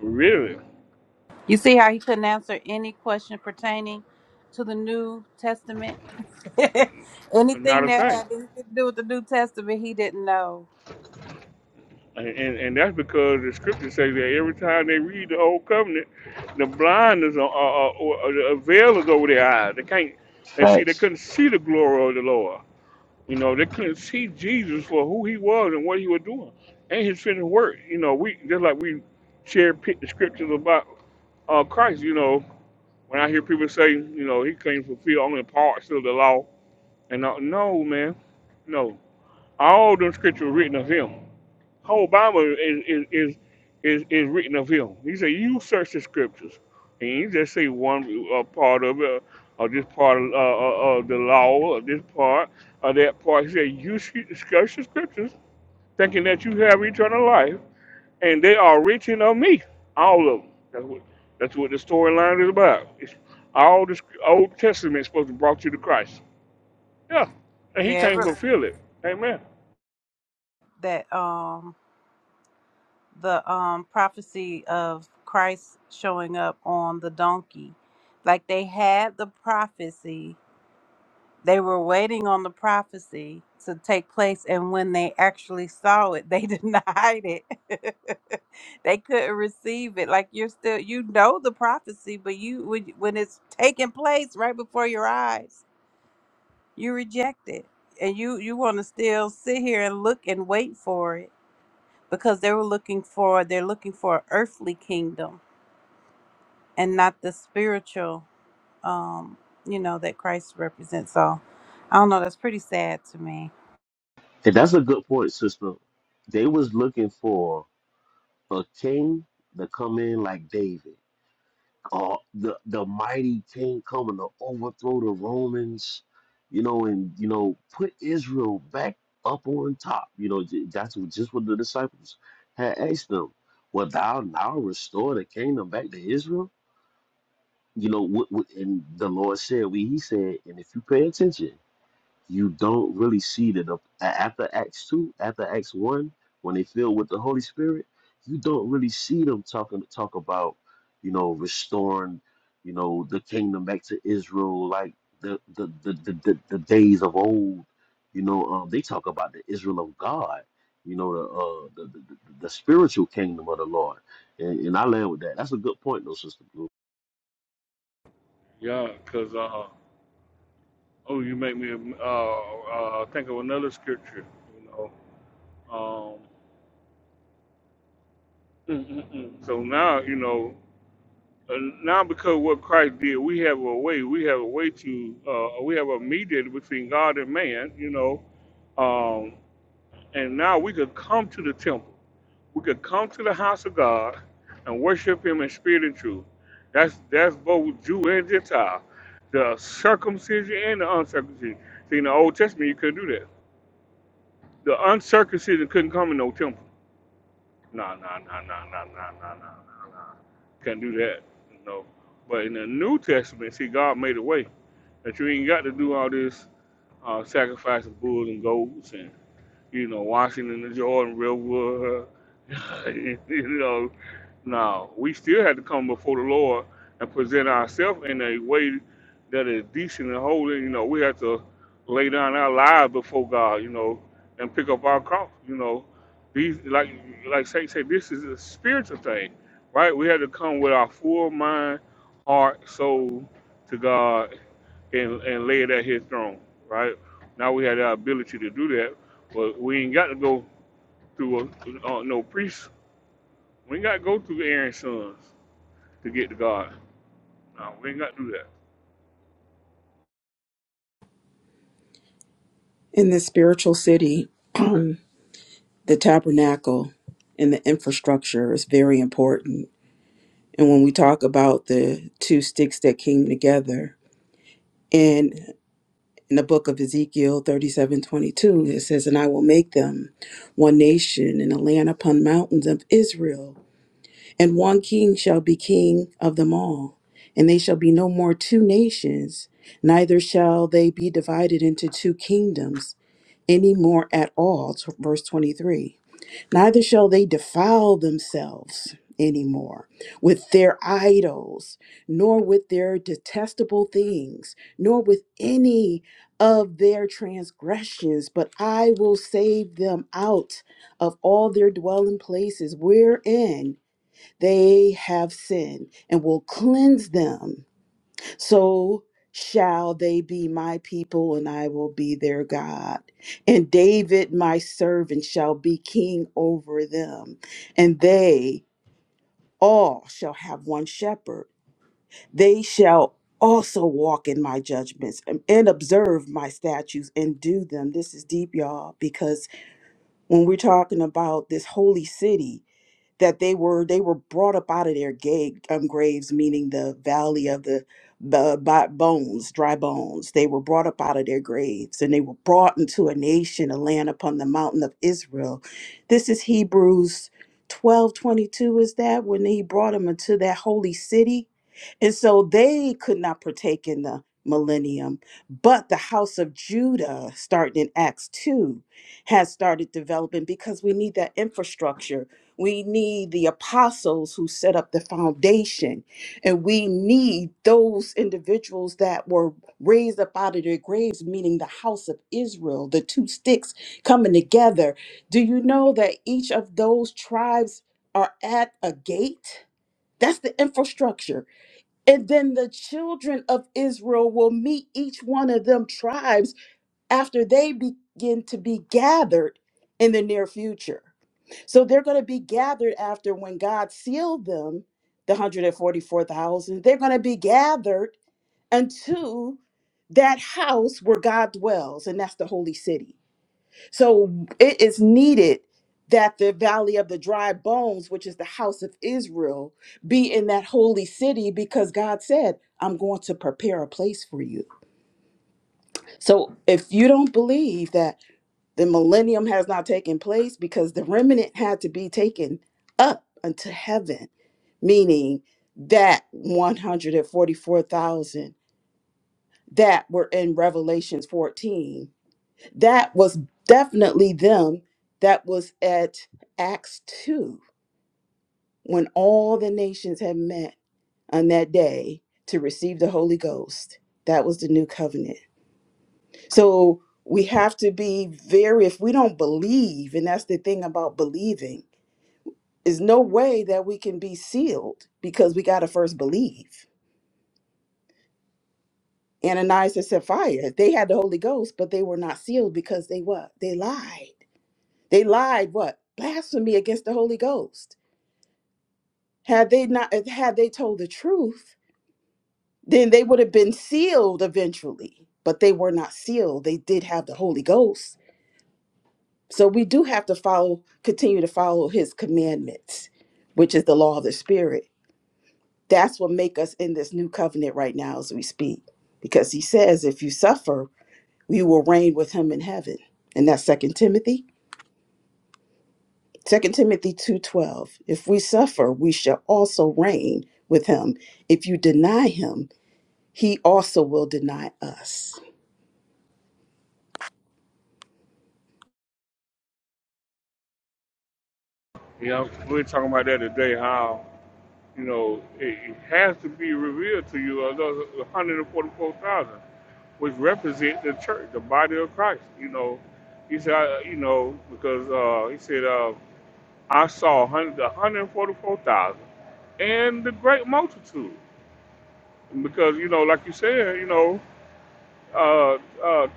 [SPEAKER 3] really,
[SPEAKER 6] You see how he couldn't answer any question pertaining to the New Testament?
[SPEAKER 3] not
[SPEAKER 6] Anything
[SPEAKER 3] a
[SPEAKER 6] that
[SPEAKER 3] thing.
[SPEAKER 6] had anything to do with the New Testament, he didn't know.
[SPEAKER 3] And, and that's because the scripture says that every time they read the old covenant, the blindness or, or, or, the veil is over their eyes. They can't. They see. They
[SPEAKER 7] Facts.
[SPEAKER 3] couldn't see the glory of the Lord. You know, they couldn't see Jesus for who He was and what He was doing and His finished work. You know, we just like we share pick the scriptures about uh, Christ. You know, when I hear people say, you know, He claims to fulfill only parts of the law, and uh, no, man, no, all them scriptures written of Him whole Bible is is is is, is written of him. He said, "You search the scriptures, and you just say one uh, part of it, or this part of uh, uh, uh, the law, or this part, or that part." He said, "You sh- search the scriptures, thinking that you have eternal life, and they are written of me, all of them." That's what that's what the storyline is about. It's all the sc- Old Testament is supposed to brought you to Christ. Yeah, and He
[SPEAKER 6] Yeah, it
[SPEAKER 3] can't
[SPEAKER 6] re-
[SPEAKER 3] fulfill it. Amen.
[SPEAKER 6] that um the um prophecy of Christ showing up on the donkey. Like they had the prophecy, They were waiting on the prophecy to take place, and when they actually saw it, they denied it. they couldn't receive it. Like you're still, you know the prophecy, but you when when it's taking place right before your eyes, you reject it, and you you want to still sit here and look and wait for it because they were looking for they're looking for an earthly kingdom and not the spiritual, um, you know that Christ represents. So I don't know. That's pretty sad to me.
[SPEAKER 7] And that's a good point, sister. They was looking for a king to come in like David. uh, the the mighty king coming to overthrow the Romans, you know, and you know put Israel back up on top. You know, j- that's what- just what the disciples had asked them. Well, thou now restore the kingdom back to Israel? You know, what, what, and the Lord said, we, He said, and if you pay attention you don't really see that the- a- after Acts 2, after Acts 1, when they filled with the Holy Spirit, you don't really see them talking talk about, you know, restoring, you know, the kingdom back to Israel like the the the, the, the, the days of old. You know, um, they talk about the Israel of God, you know, the uh the, the, the the spiritual kingdom of the Lord. And, and I land with that. That's a good point though, Sister
[SPEAKER 3] Yeah, because. Oh, you make me uh, uh, think of another scripture, you know. Um, mm, mm, mm. so now, you know, uh, now because what Christ did, we have a way. We have a way to. Uh, we have a mediator between God and man, you know. Um, and now we could come to the temple. We could come to the house of God and worship Him in spirit and truth. That's that's both Jew and Gentile, the circumcision and the uncircumcision. See, in the Old Testament, you couldn't do that. The uncircumcision couldn't come in no temple. Nah, nah, nah, nah, nah, nah, nah, nah, nah, nah. Can't do that. No. But in the New Testament, see, God made a way that you ain't got to do all this uh, sacrifice of bulls and goats and you know, Washington and Jordan, Redwood. you know, no, we still had to come before the Lord and present ourselves in a way that is decent and holy. You know, we had to lay down our lives before God, you know, and pick up our cross. You know, these like like Saint said, this is a spiritual thing, right? We had to come with our full mind, heart, soul to God and, and lay it at his throne, right? Now we have the ability to do that, but we ain't got to go through a, uh, no priest. We ain't got to go through Aaron's sons to get to God. No, we ain't got to do that.
[SPEAKER 15] In the spiritual city, the tabernacle and the infrastructure is very important. And when we talk about the two sticks that came together in in the book of Ezekiel thirty seven twenty two, it says, And I will make them one nation in the land upon mountains of Israel And one king shall be king of them all, and they shall be no more two nations, neither shall they be divided into two kingdoms any more at all. T- Verse 23. Neither shall they defile themselves anymore with their idols, nor with their detestable things, nor with any of their transgressions, but I will save them out of all their dwelling places, wherein they have sinned and will cleanse them. So shall they be my people, and I will be their God. And David, my servant, shall be king over them, and they all shall have one shepherd. They shall also walk in my judgments and and observe my statutes and do them. This is deep, y'all, because when we're talking about this holy city, that they were they were brought up out of their ga- um, graves, meaning the valley of the b- bo- bones, dry bones. They were brought up out of their graves, and they were brought into a nation, a land upon the mountain of Israel. This is Hebrews twelve twenty two. Is that when he brought them into that holy city? And so they could not partake in the millennium. But the house of Judah, starting in Acts 2, has started developing because we need that infrastructure we need the apostles who set up the foundation. And we need those individuals that were raised up out of their graves, meaning the house of Israel, the two sticks coming together. Do you know that each of those tribes are at a gate? That's the infrastructure. And then the children of Israel will meet each one of them tribes after they begin to be gathered in the near future. So they're going to be gathered after when God sealed them, the 144,000, they're going to be gathered unto that house where God dwells, and that's the holy city. So it is needed that the valley of the dry bones, which is the house of Israel, be in that holy city because God said, I'm going to prepare a place for you. So if you don't believe that, the millennium has not taken place because the remnant had to be taken up unto heaven, meaning that 144,000 that were in Revelations 14. That was definitely them that was at Acts 2 when all the nations had met on that day to receive the Holy Ghost. That was the new covenant. So we have to be very, if we don't believe, and that's the thing about believing There's no way that we can be sealed because we got to first believe. Ananias and Sapphira, they had the Holy Ghost, but they were not sealed because they what? They lied. They lied what? Blasphemy against the Holy Ghost. Had they not had they told the truth, then they would have been sealed eventually, but they were not sealed. They did have the Holy Ghost. So we do have to follow continue to follow his commandments, which is the law of the spirit. That's what make us in this new covenant right now as we speak. Because he says, if you suffer, we will reign with him in heaven. And that's Second Timothy. Second Timothy 2.12. If we suffer, we shall also reign with him. If you deny him, he also will deny us.
[SPEAKER 3] You know, we are talking about that today, how, you know, it, it has to be revealed to you, of those 144,000, which represent the church, the body of Christ. You know, he said, uh, you know, because uh, he said, uh, I saw 100, and the great multitude. Because, you know, like you said, you know, uh, uh,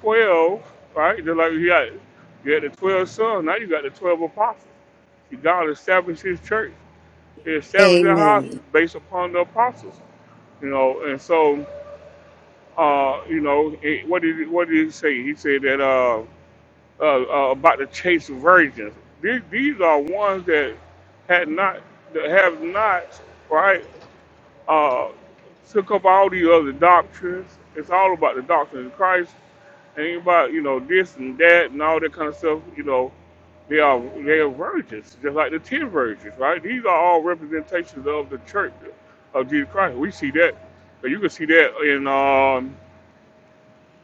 [SPEAKER 3] 12, right? Just like you got, you had the 12 sons, now you got the 12 apostles. God established his church, he established the house
[SPEAKER 15] Amen.
[SPEAKER 3] based upon the apostles, you know, and so, uh, you know, it, what did, he- what did he say? He said that, uh, uh, uh, about the chase virgins. These, these are ones that had not, that have not, right, uh, took up all the other doctrines. It's all about the doctrine of Christ. and about you know this and that and all that kind of stuff. You know, they are they are virgins, just like the ten virgins, right? These are all representations of the church of Jesus Christ. We see that, but you can see that in um,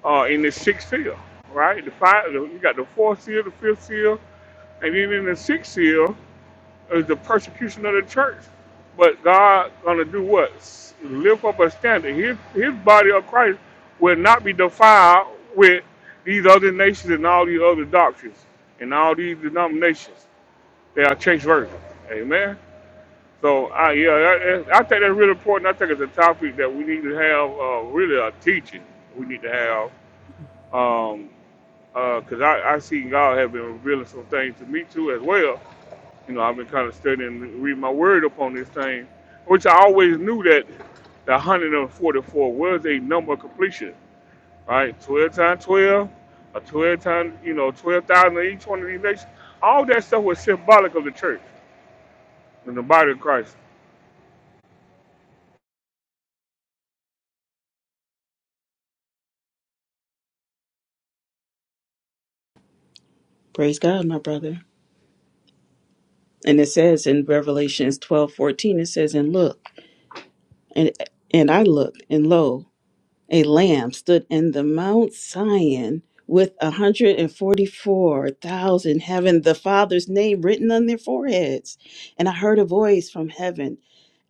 [SPEAKER 3] uh, in the sixth seal, right? The five, you got the fourth seal, the fifth seal and then in the sixth seal is the persecution of the church. But God gonna do what? S- Lift up a standard. His his body of Christ will not be defiled with these other nations and all these other doctrines and all these denominations. They are changed versions. Amen. So I yeah, I, I think that's really important. I think it's a topic that we need to have uh, really a teaching. We need to have um, because I, I see God have been revealing some things to me too as well you know, I've been kind of studying, reading my word upon this thing, which I always knew that the 144 was a number of completion, right? 12 times 12, or 12 times, you know, 12,000 in each one of these nations. All that stuff was symbolic of the church and the body of Christ.
[SPEAKER 15] Praise God, my brother. And it says in Revelations twelve fourteen, it says, And look, and and I looked, and lo, a lamb stood in the Mount Zion with 144,000 having the Father's name written on their foreheads. And I heard a voice from heaven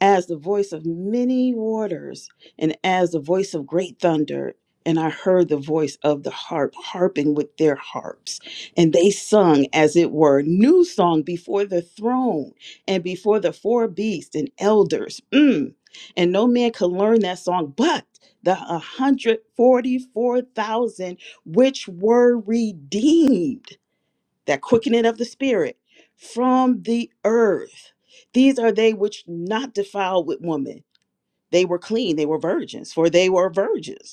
[SPEAKER 15] as the voice of many waters and as the voice of great thunder. And I heard the voice of the harp harping with their harps. And they sung, as it were, new song before the throne and before the four beasts and elders. Mm. And no man could learn that song but the 144,000 which were redeemed, that quickening of the spirit from the earth. These are they which not defiled with woman. They were clean, they were virgins, for they were virgins.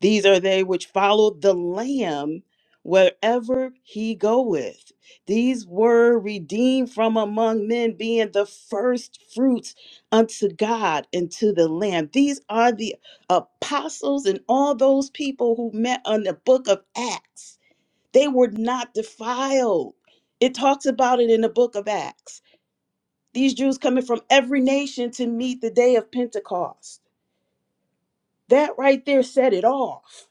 [SPEAKER 15] These are they which follow the Lamb wherever he goeth. These were redeemed from among men, being the first fruits unto God and to the Lamb. These are the apostles and all those people who met on the book of Acts. They were not defiled. It talks about it in the book of Acts. These Jews coming from every nation to meet the day of Pentecost that right there set it off.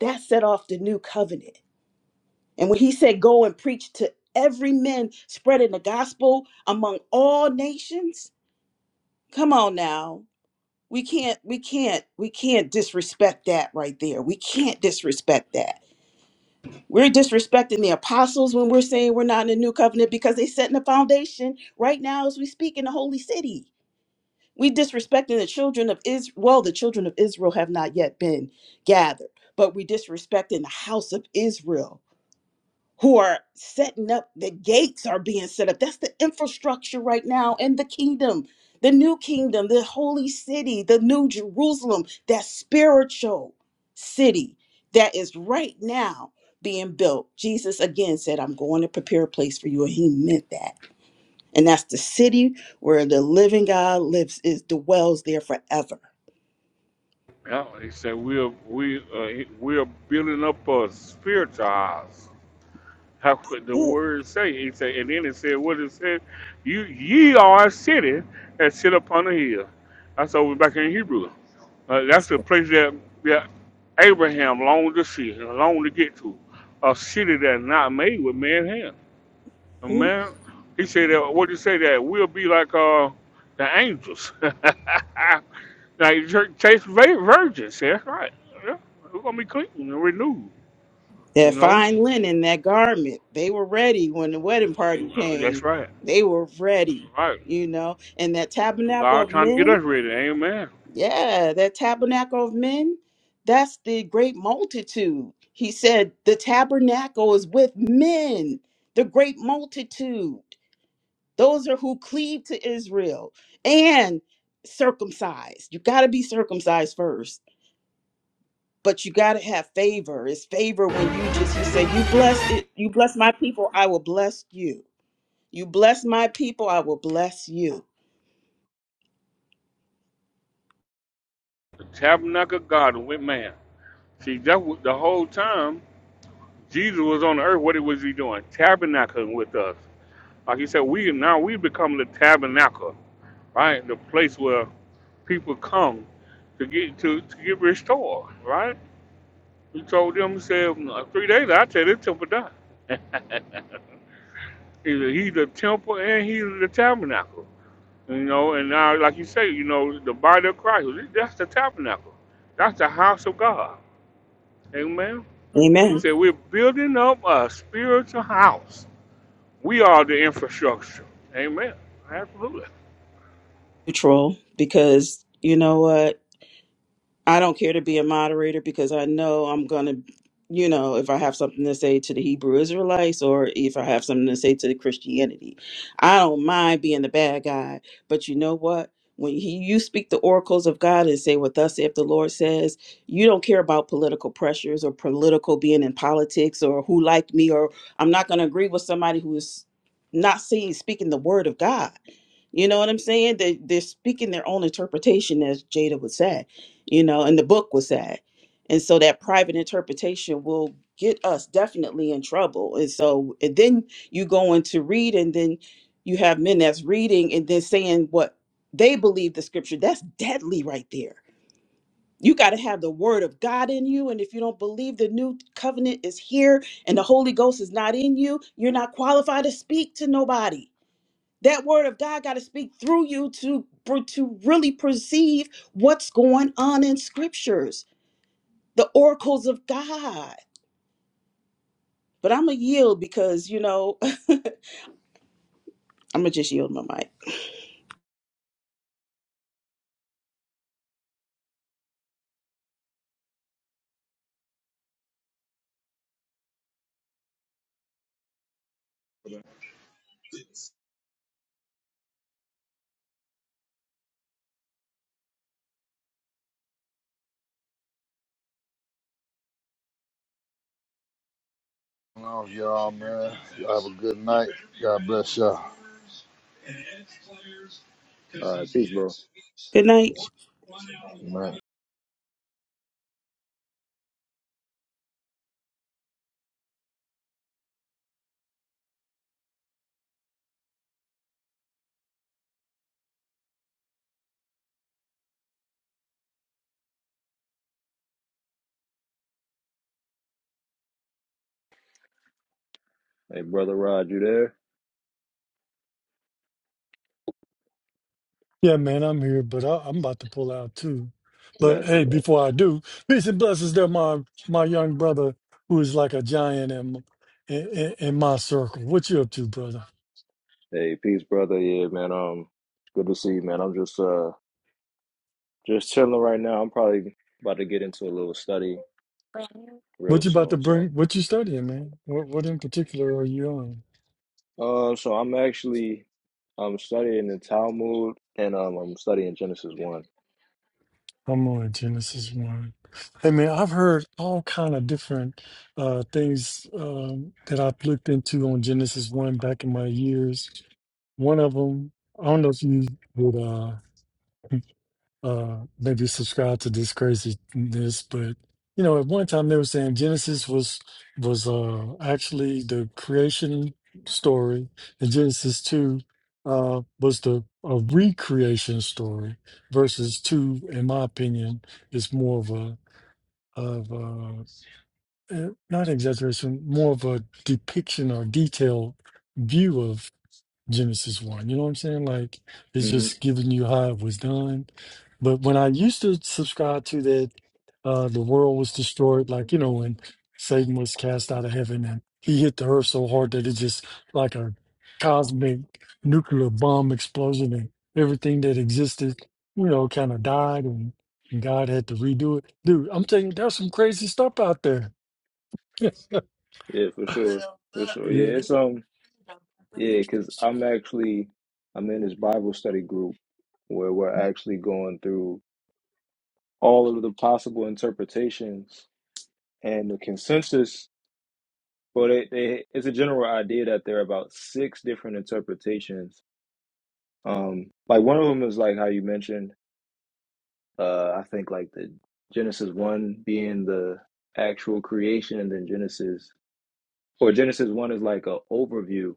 [SPEAKER 15] That set off the new covenant. And when he said, Go and preach to every man, spreading the gospel among all nations, come on now. We can't, we can't, we can't disrespect that right there. We can't disrespect that. We're disrespecting the apostles when we're saying we're not in the new covenant because they're setting the foundation right now as we speak in the holy city. We disrespecting the children of Israel. Well, the children of Israel have not yet been gathered, but we disrespecting the house of Israel who are setting up the gates are being set up. That's the infrastructure right now and the kingdom, the new kingdom, the holy city, the new Jerusalem, that spiritual city that is right now being built. Jesus again said, I'm going to prepare a place for you. And he meant that. And that's the city where the living God lives, is dwells there forever.
[SPEAKER 3] Yeah, he said we're we uh, we're building up a spiritual house. How could the word say? He said, and then it said, what it said, you ye are a city that sit upon a hill. That's over back in Hebrew. Uh, that's
[SPEAKER 15] Goodness.
[SPEAKER 3] the place that, that Abraham longed to see, longed to get to. A city that's not made with man hand. A
[SPEAKER 15] Mhm.
[SPEAKER 3] man, he said that. What did he say that we'll be like uh, the angels, like church, chase vir- virgins. yeah, That's right. Yeah, we're gonna be clean and renewed.
[SPEAKER 15] That
[SPEAKER 3] You know,
[SPEAKER 15] fine linen, that garment, they were ready when the wedding party
[SPEAKER 3] that's
[SPEAKER 15] came.
[SPEAKER 3] right.
[SPEAKER 15] They were ready,
[SPEAKER 3] Right.
[SPEAKER 15] you know. And that tabernacle
[SPEAKER 3] God
[SPEAKER 15] of
[SPEAKER 3] trying to get
[SPEAKER 15] men,
[SPEAKER 3] us ready. Amen.
[SPEAKER 15] yeah, that tabernacle of men, that's the great multitude. He said, The tabernacle is with men, the great multitude. those are who cleave to Israel and circumcised. You got to be circumcised first, but you got to have favor. It's favor when you just he said, "You bless it, you bless my people, I will bless you. You bless my people, I will bless you."
[SPEAKER 3] The tabernacle of God with man. See, that was, the whole time Jesus was on the earth, what was he doing? Tabernacling with us. Like he said, we now we become the tabernacle, right? The place where people come to get to, to get restored, right? He told them, he said, "Nah, three days, I tell this temple done. he's the temple and he's the tabernacle. You know, and now, like you say, you know, the body of Christ, that's the tabernacle. That's the house of God. Amen. He
[SPEAKER 15] Amen.
[SPEAKER 3] said, We're building up a spiritual house. We are the infrastructure. Amen. Absolutely.
[SPEAKER 15] Neutral because you know what? I don't care to be a moderator because I know I'm going to, you know, if I have something to say to the Hebrew Israelites or if I have something to say to the Christianity. I don't mind being the bad guy. But you know what? When he, you speak the oracles of God and say what thus if the Lord says, you don't care about political pressures or political being in politics or who like me or I'm not going to agree with somebody who is not seeing speaking the word of God. You know what I'm saying? They they're speaking their own interpretation, as Jada would say you know, and the book was that. And so that private interpretation will get us definitely in trouble. And so and then you go on to read, and then you have men that's reading and then saying what they believe the scripture. That's deadly right there. You got to have the word of God in you. And if you don't believe the new covenant is here and the Holy Ghost is not in you, you're not qualified to speak to nobody. That word of God got to speak through you to, for, to really perceive what's going on in scriptures the oracles of God. But I'm going to yield because, you know, I'm going to just yield my mic.
[SPEAKER 1] Off y'all, man. Y'all have a good night. God bless y'all,
[SPEAKER 16] All right, peace, bro.
[SPEAKER 15] Good night.
[SPEAKER 1] man.
[SPEAKER 16] Hey, brother Rod, you there?
[SPEAKER 14] Yeah, man, I'm here, but I, I'm about to pull out too. But
[SPEAKER 16] Got you,
[SPEAKER 14] hey,
[SPEAKER 16] got you.
[SPEAKER 14] before I do, peace and blessings to my my young brother who is like a giant in in, in my circle. What you up to, brother?
[SPEAKER 16] Hey, peace, brother. Yeah, man. Um, good to see you, man. I'm just uh just chilling right now. I'm probably about to get into a little study real
[SPEAKER 14] What you about to
[SPEAKER 16] soon. So,
[SPEAKER 14] bring? What you studying, man? What what in particular are you on?
[SPEAKER 16] uh, so I'm actually I'm studying the Talmud and um I'm studying Genesis one.
[SPEAKER 14] I'm on Genesis one. Hey, man, I've heard all kind of different uh, things um, that I've looked into on Genesis one back in my years. One of them, I don't know if you would. Uh, uh maybe subscribe to this craziness but you know at one time they were saying genesis was was uh actually the creation story and genesis 2 uh was the a recreation story versus 2 in my opinion is more of a of a eh, not exaggeration more of a depiction or detailed view of. Genesis 1. You know what I'm saying? Like, it's
[SPEAKER 16] Mm-hmm.
[SPEAKER 14] just giving you how it was done. But when I used to subscribe to that, uh, the world was destroyed, like, you know, when Satan was cast out of heaven and he hit the earth so hard that it just like a cosmic nuclear bomb explosion and everything that existed, you know, kind of died and, and God had to redo it. Dude, I'm telling you, there's some crazy stuff out there.
[SPEAKER 16] Yeah, for sure, for sure. Yeah,
[SPEAKER 14] yeah.
[SPEAKER 16] it's um yeah, cause I'm actually I'm in this Bible study group where we're actually going through all of the possible interpretations And the consensus, well, they, they, it's a general idea that there are about six different interpretations. Um, like one of them is like how you mentioned, uh, I think like the Genesis one being the actual creation, and then Genesis or Genesis one is like a overview,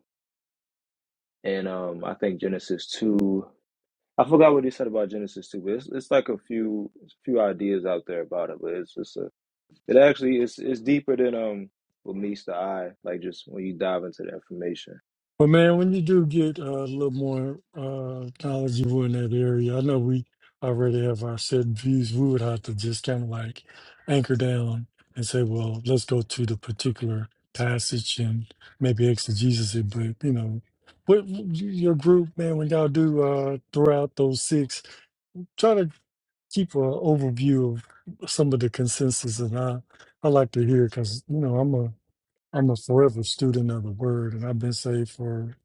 [SPEAKER 16] and um, I think Genesis two. I forgot what he said about Genesis two, but it's, it's like a few few ideas out there about it. But it's just a, it actually is it's deeper than um what meets the eye, like just when you dive into the information.
[SPEAKER 14] Well, man, when you do get uh, a little more uh, knowledgeable in that area, I know we already have our set views. We would have to just kind of like anchor down and say, well, let's go to the particular passage and maybe exegesis it. But, you know, what your group, man, when y'all do uh, throughout those six, try to keep an overview of some of the consensus. And I, I like to hear because, you know, I'm a I'm a forever student of the word, and I've been saved for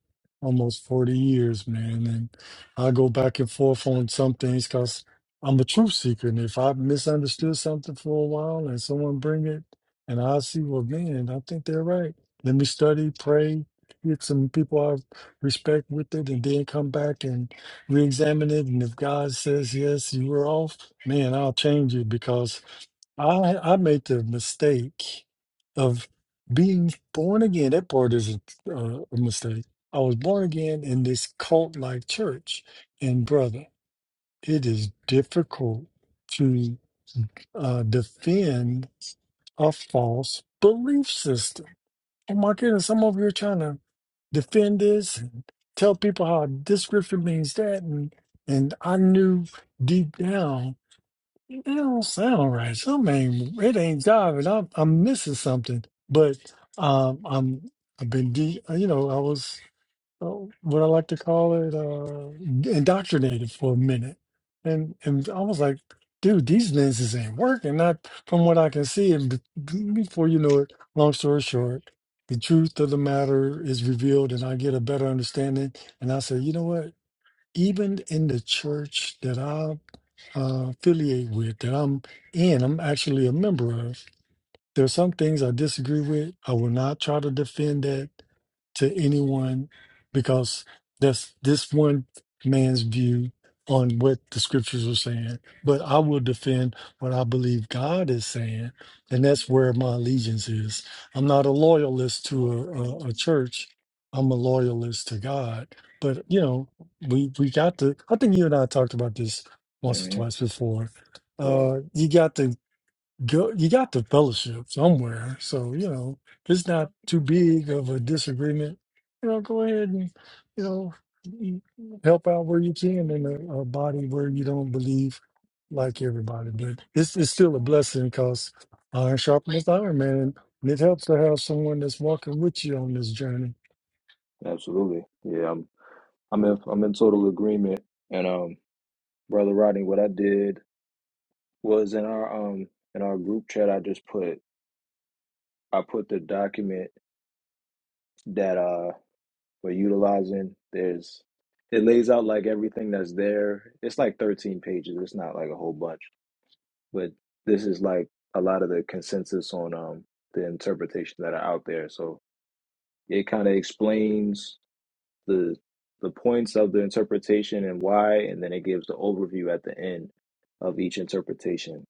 [SPEAKER 14] almost 40 years, man. And I go back and forth on some things because I'm a truth seeker. And if I misunderstood something for a while and someone bring it, and I see, well, man, I think they're right. Let me study, pray, get some people I respect with it, and then come back and re-examine it. And if God says, yes, you were off, man, I'll change it because I I made the mistake of being born again. That part is a, uh, a mistake. I was born again in this cult-like church, and brother, it is difficult to uh, defend a false belief system. Oh my goodness, I'm over here trying to defend this and tell people how this scripture means that, and and I knew deep down it don't sound right. Something ain't, it ain't diving. I'm I'm missing something. But um, I'm I've been de you know I was uh, what I like to call it uh, indoctrinated for a minute, and and I was like, dude, these lenses ain't working. Not from what I can see. And b- before you know it, long story short, the truth of the matter is revealed, and I get a better understanding. And I said, you know what? Even in the church that I uh, affiliate with that I'm in. I'm actually a member of. There are some things I disagree with. I will not try to defend that to anyone because that's this one man's view on what the scriptures are saying. But I will defend what I believe God is saying, and that's where my allegiance is. I'm not a loyalist to a, a, a church. I'm a loyalist to God. But you know, we we got to. I think you and I talked about this once or
[SPEAKER 16] hmm
[SPEAKER 14] twice before.
[SPEAKER 16] Right.
[SPEAKER 14] Uh, you got to go you got the fellowship somewhere. So, you know, if it's not too big of a disagreement, you know, go ahead and, you know, m- help out where you can in a, a body where you don't believe like everybody. But it's, it's still a blessing because iron sharpens iron, man. And it helps to have someone that's walking with you on this journey.
[SPEAKER 16] Absolutely. Yeah, I'm I'm in I'm in total agreement. And um, Brother Rodney, what I did was in our um in our group chat I just put I put the document that uh we're utilizing. There's it lays out like everything that's there. It's like 13 pages. It's not like a whole bunch, but this is like a lot of the consensus on um the interpretations that are out there. So it kind of explains the the points of the interpretation and why, and then it gives the overview at the end of each interpretation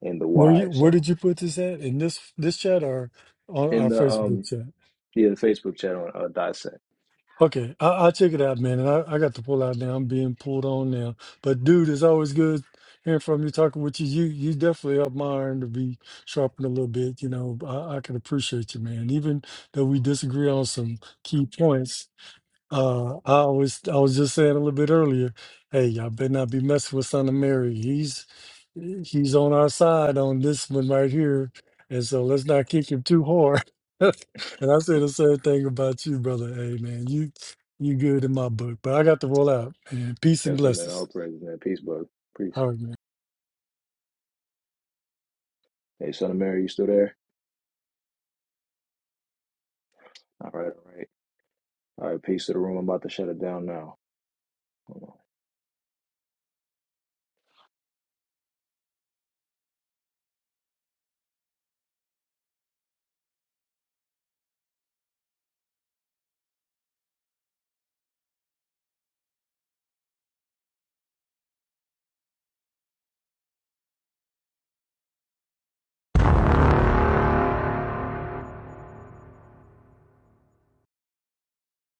[SPEAKER 16] and the
[SPEAKER 14] Where
[SPEAKER 16] why.
[SPEAKER 14] you where
[SPEAKER 16] So
[SPEAKER 14] did you put this at? In this this chat or on
[SPEAKER 16] in
[SPEAKER 14] our
[SPEAKER 16] the
[SPEAKER 14] Facebook
[SPEAKER 16] um
[SPEAKER 14] chat?
[SPEAKER 16] yeah the Facebook chat on uh, dissect.
[SPEAKER 14] Okay, I, I'll check it out, man. And I, I got to pull out now. I'm being pulled on now. But dude, it's always good hearing from you, talking with you. You you definitely helped my iron to be sharpened a little bit. You know, I, I can appreciate you, man. Even though we disagree on some key points, uh, I was I was just saying a little bit earlier, hey, y'all better not be messing with Son of Mary. He's he's on our side on this one right here, and so let's not kick him too hard. and I say the same thing about you, brother. Hey, man, you you good in my book, but I got to roll out. And peace and
[SPEAKER 16] Yes, sir, man. All
[SPEAKER 14] blessings.
[SPEAKER 16] praise, man. Peace, bud. Peace.
[SPEAKER 14] All right, man.
[SPEAKER 16] Hey, son of Mary, you still there? All right, all right, all right. Peace to the room. I'm about to shut it down now. Hold on.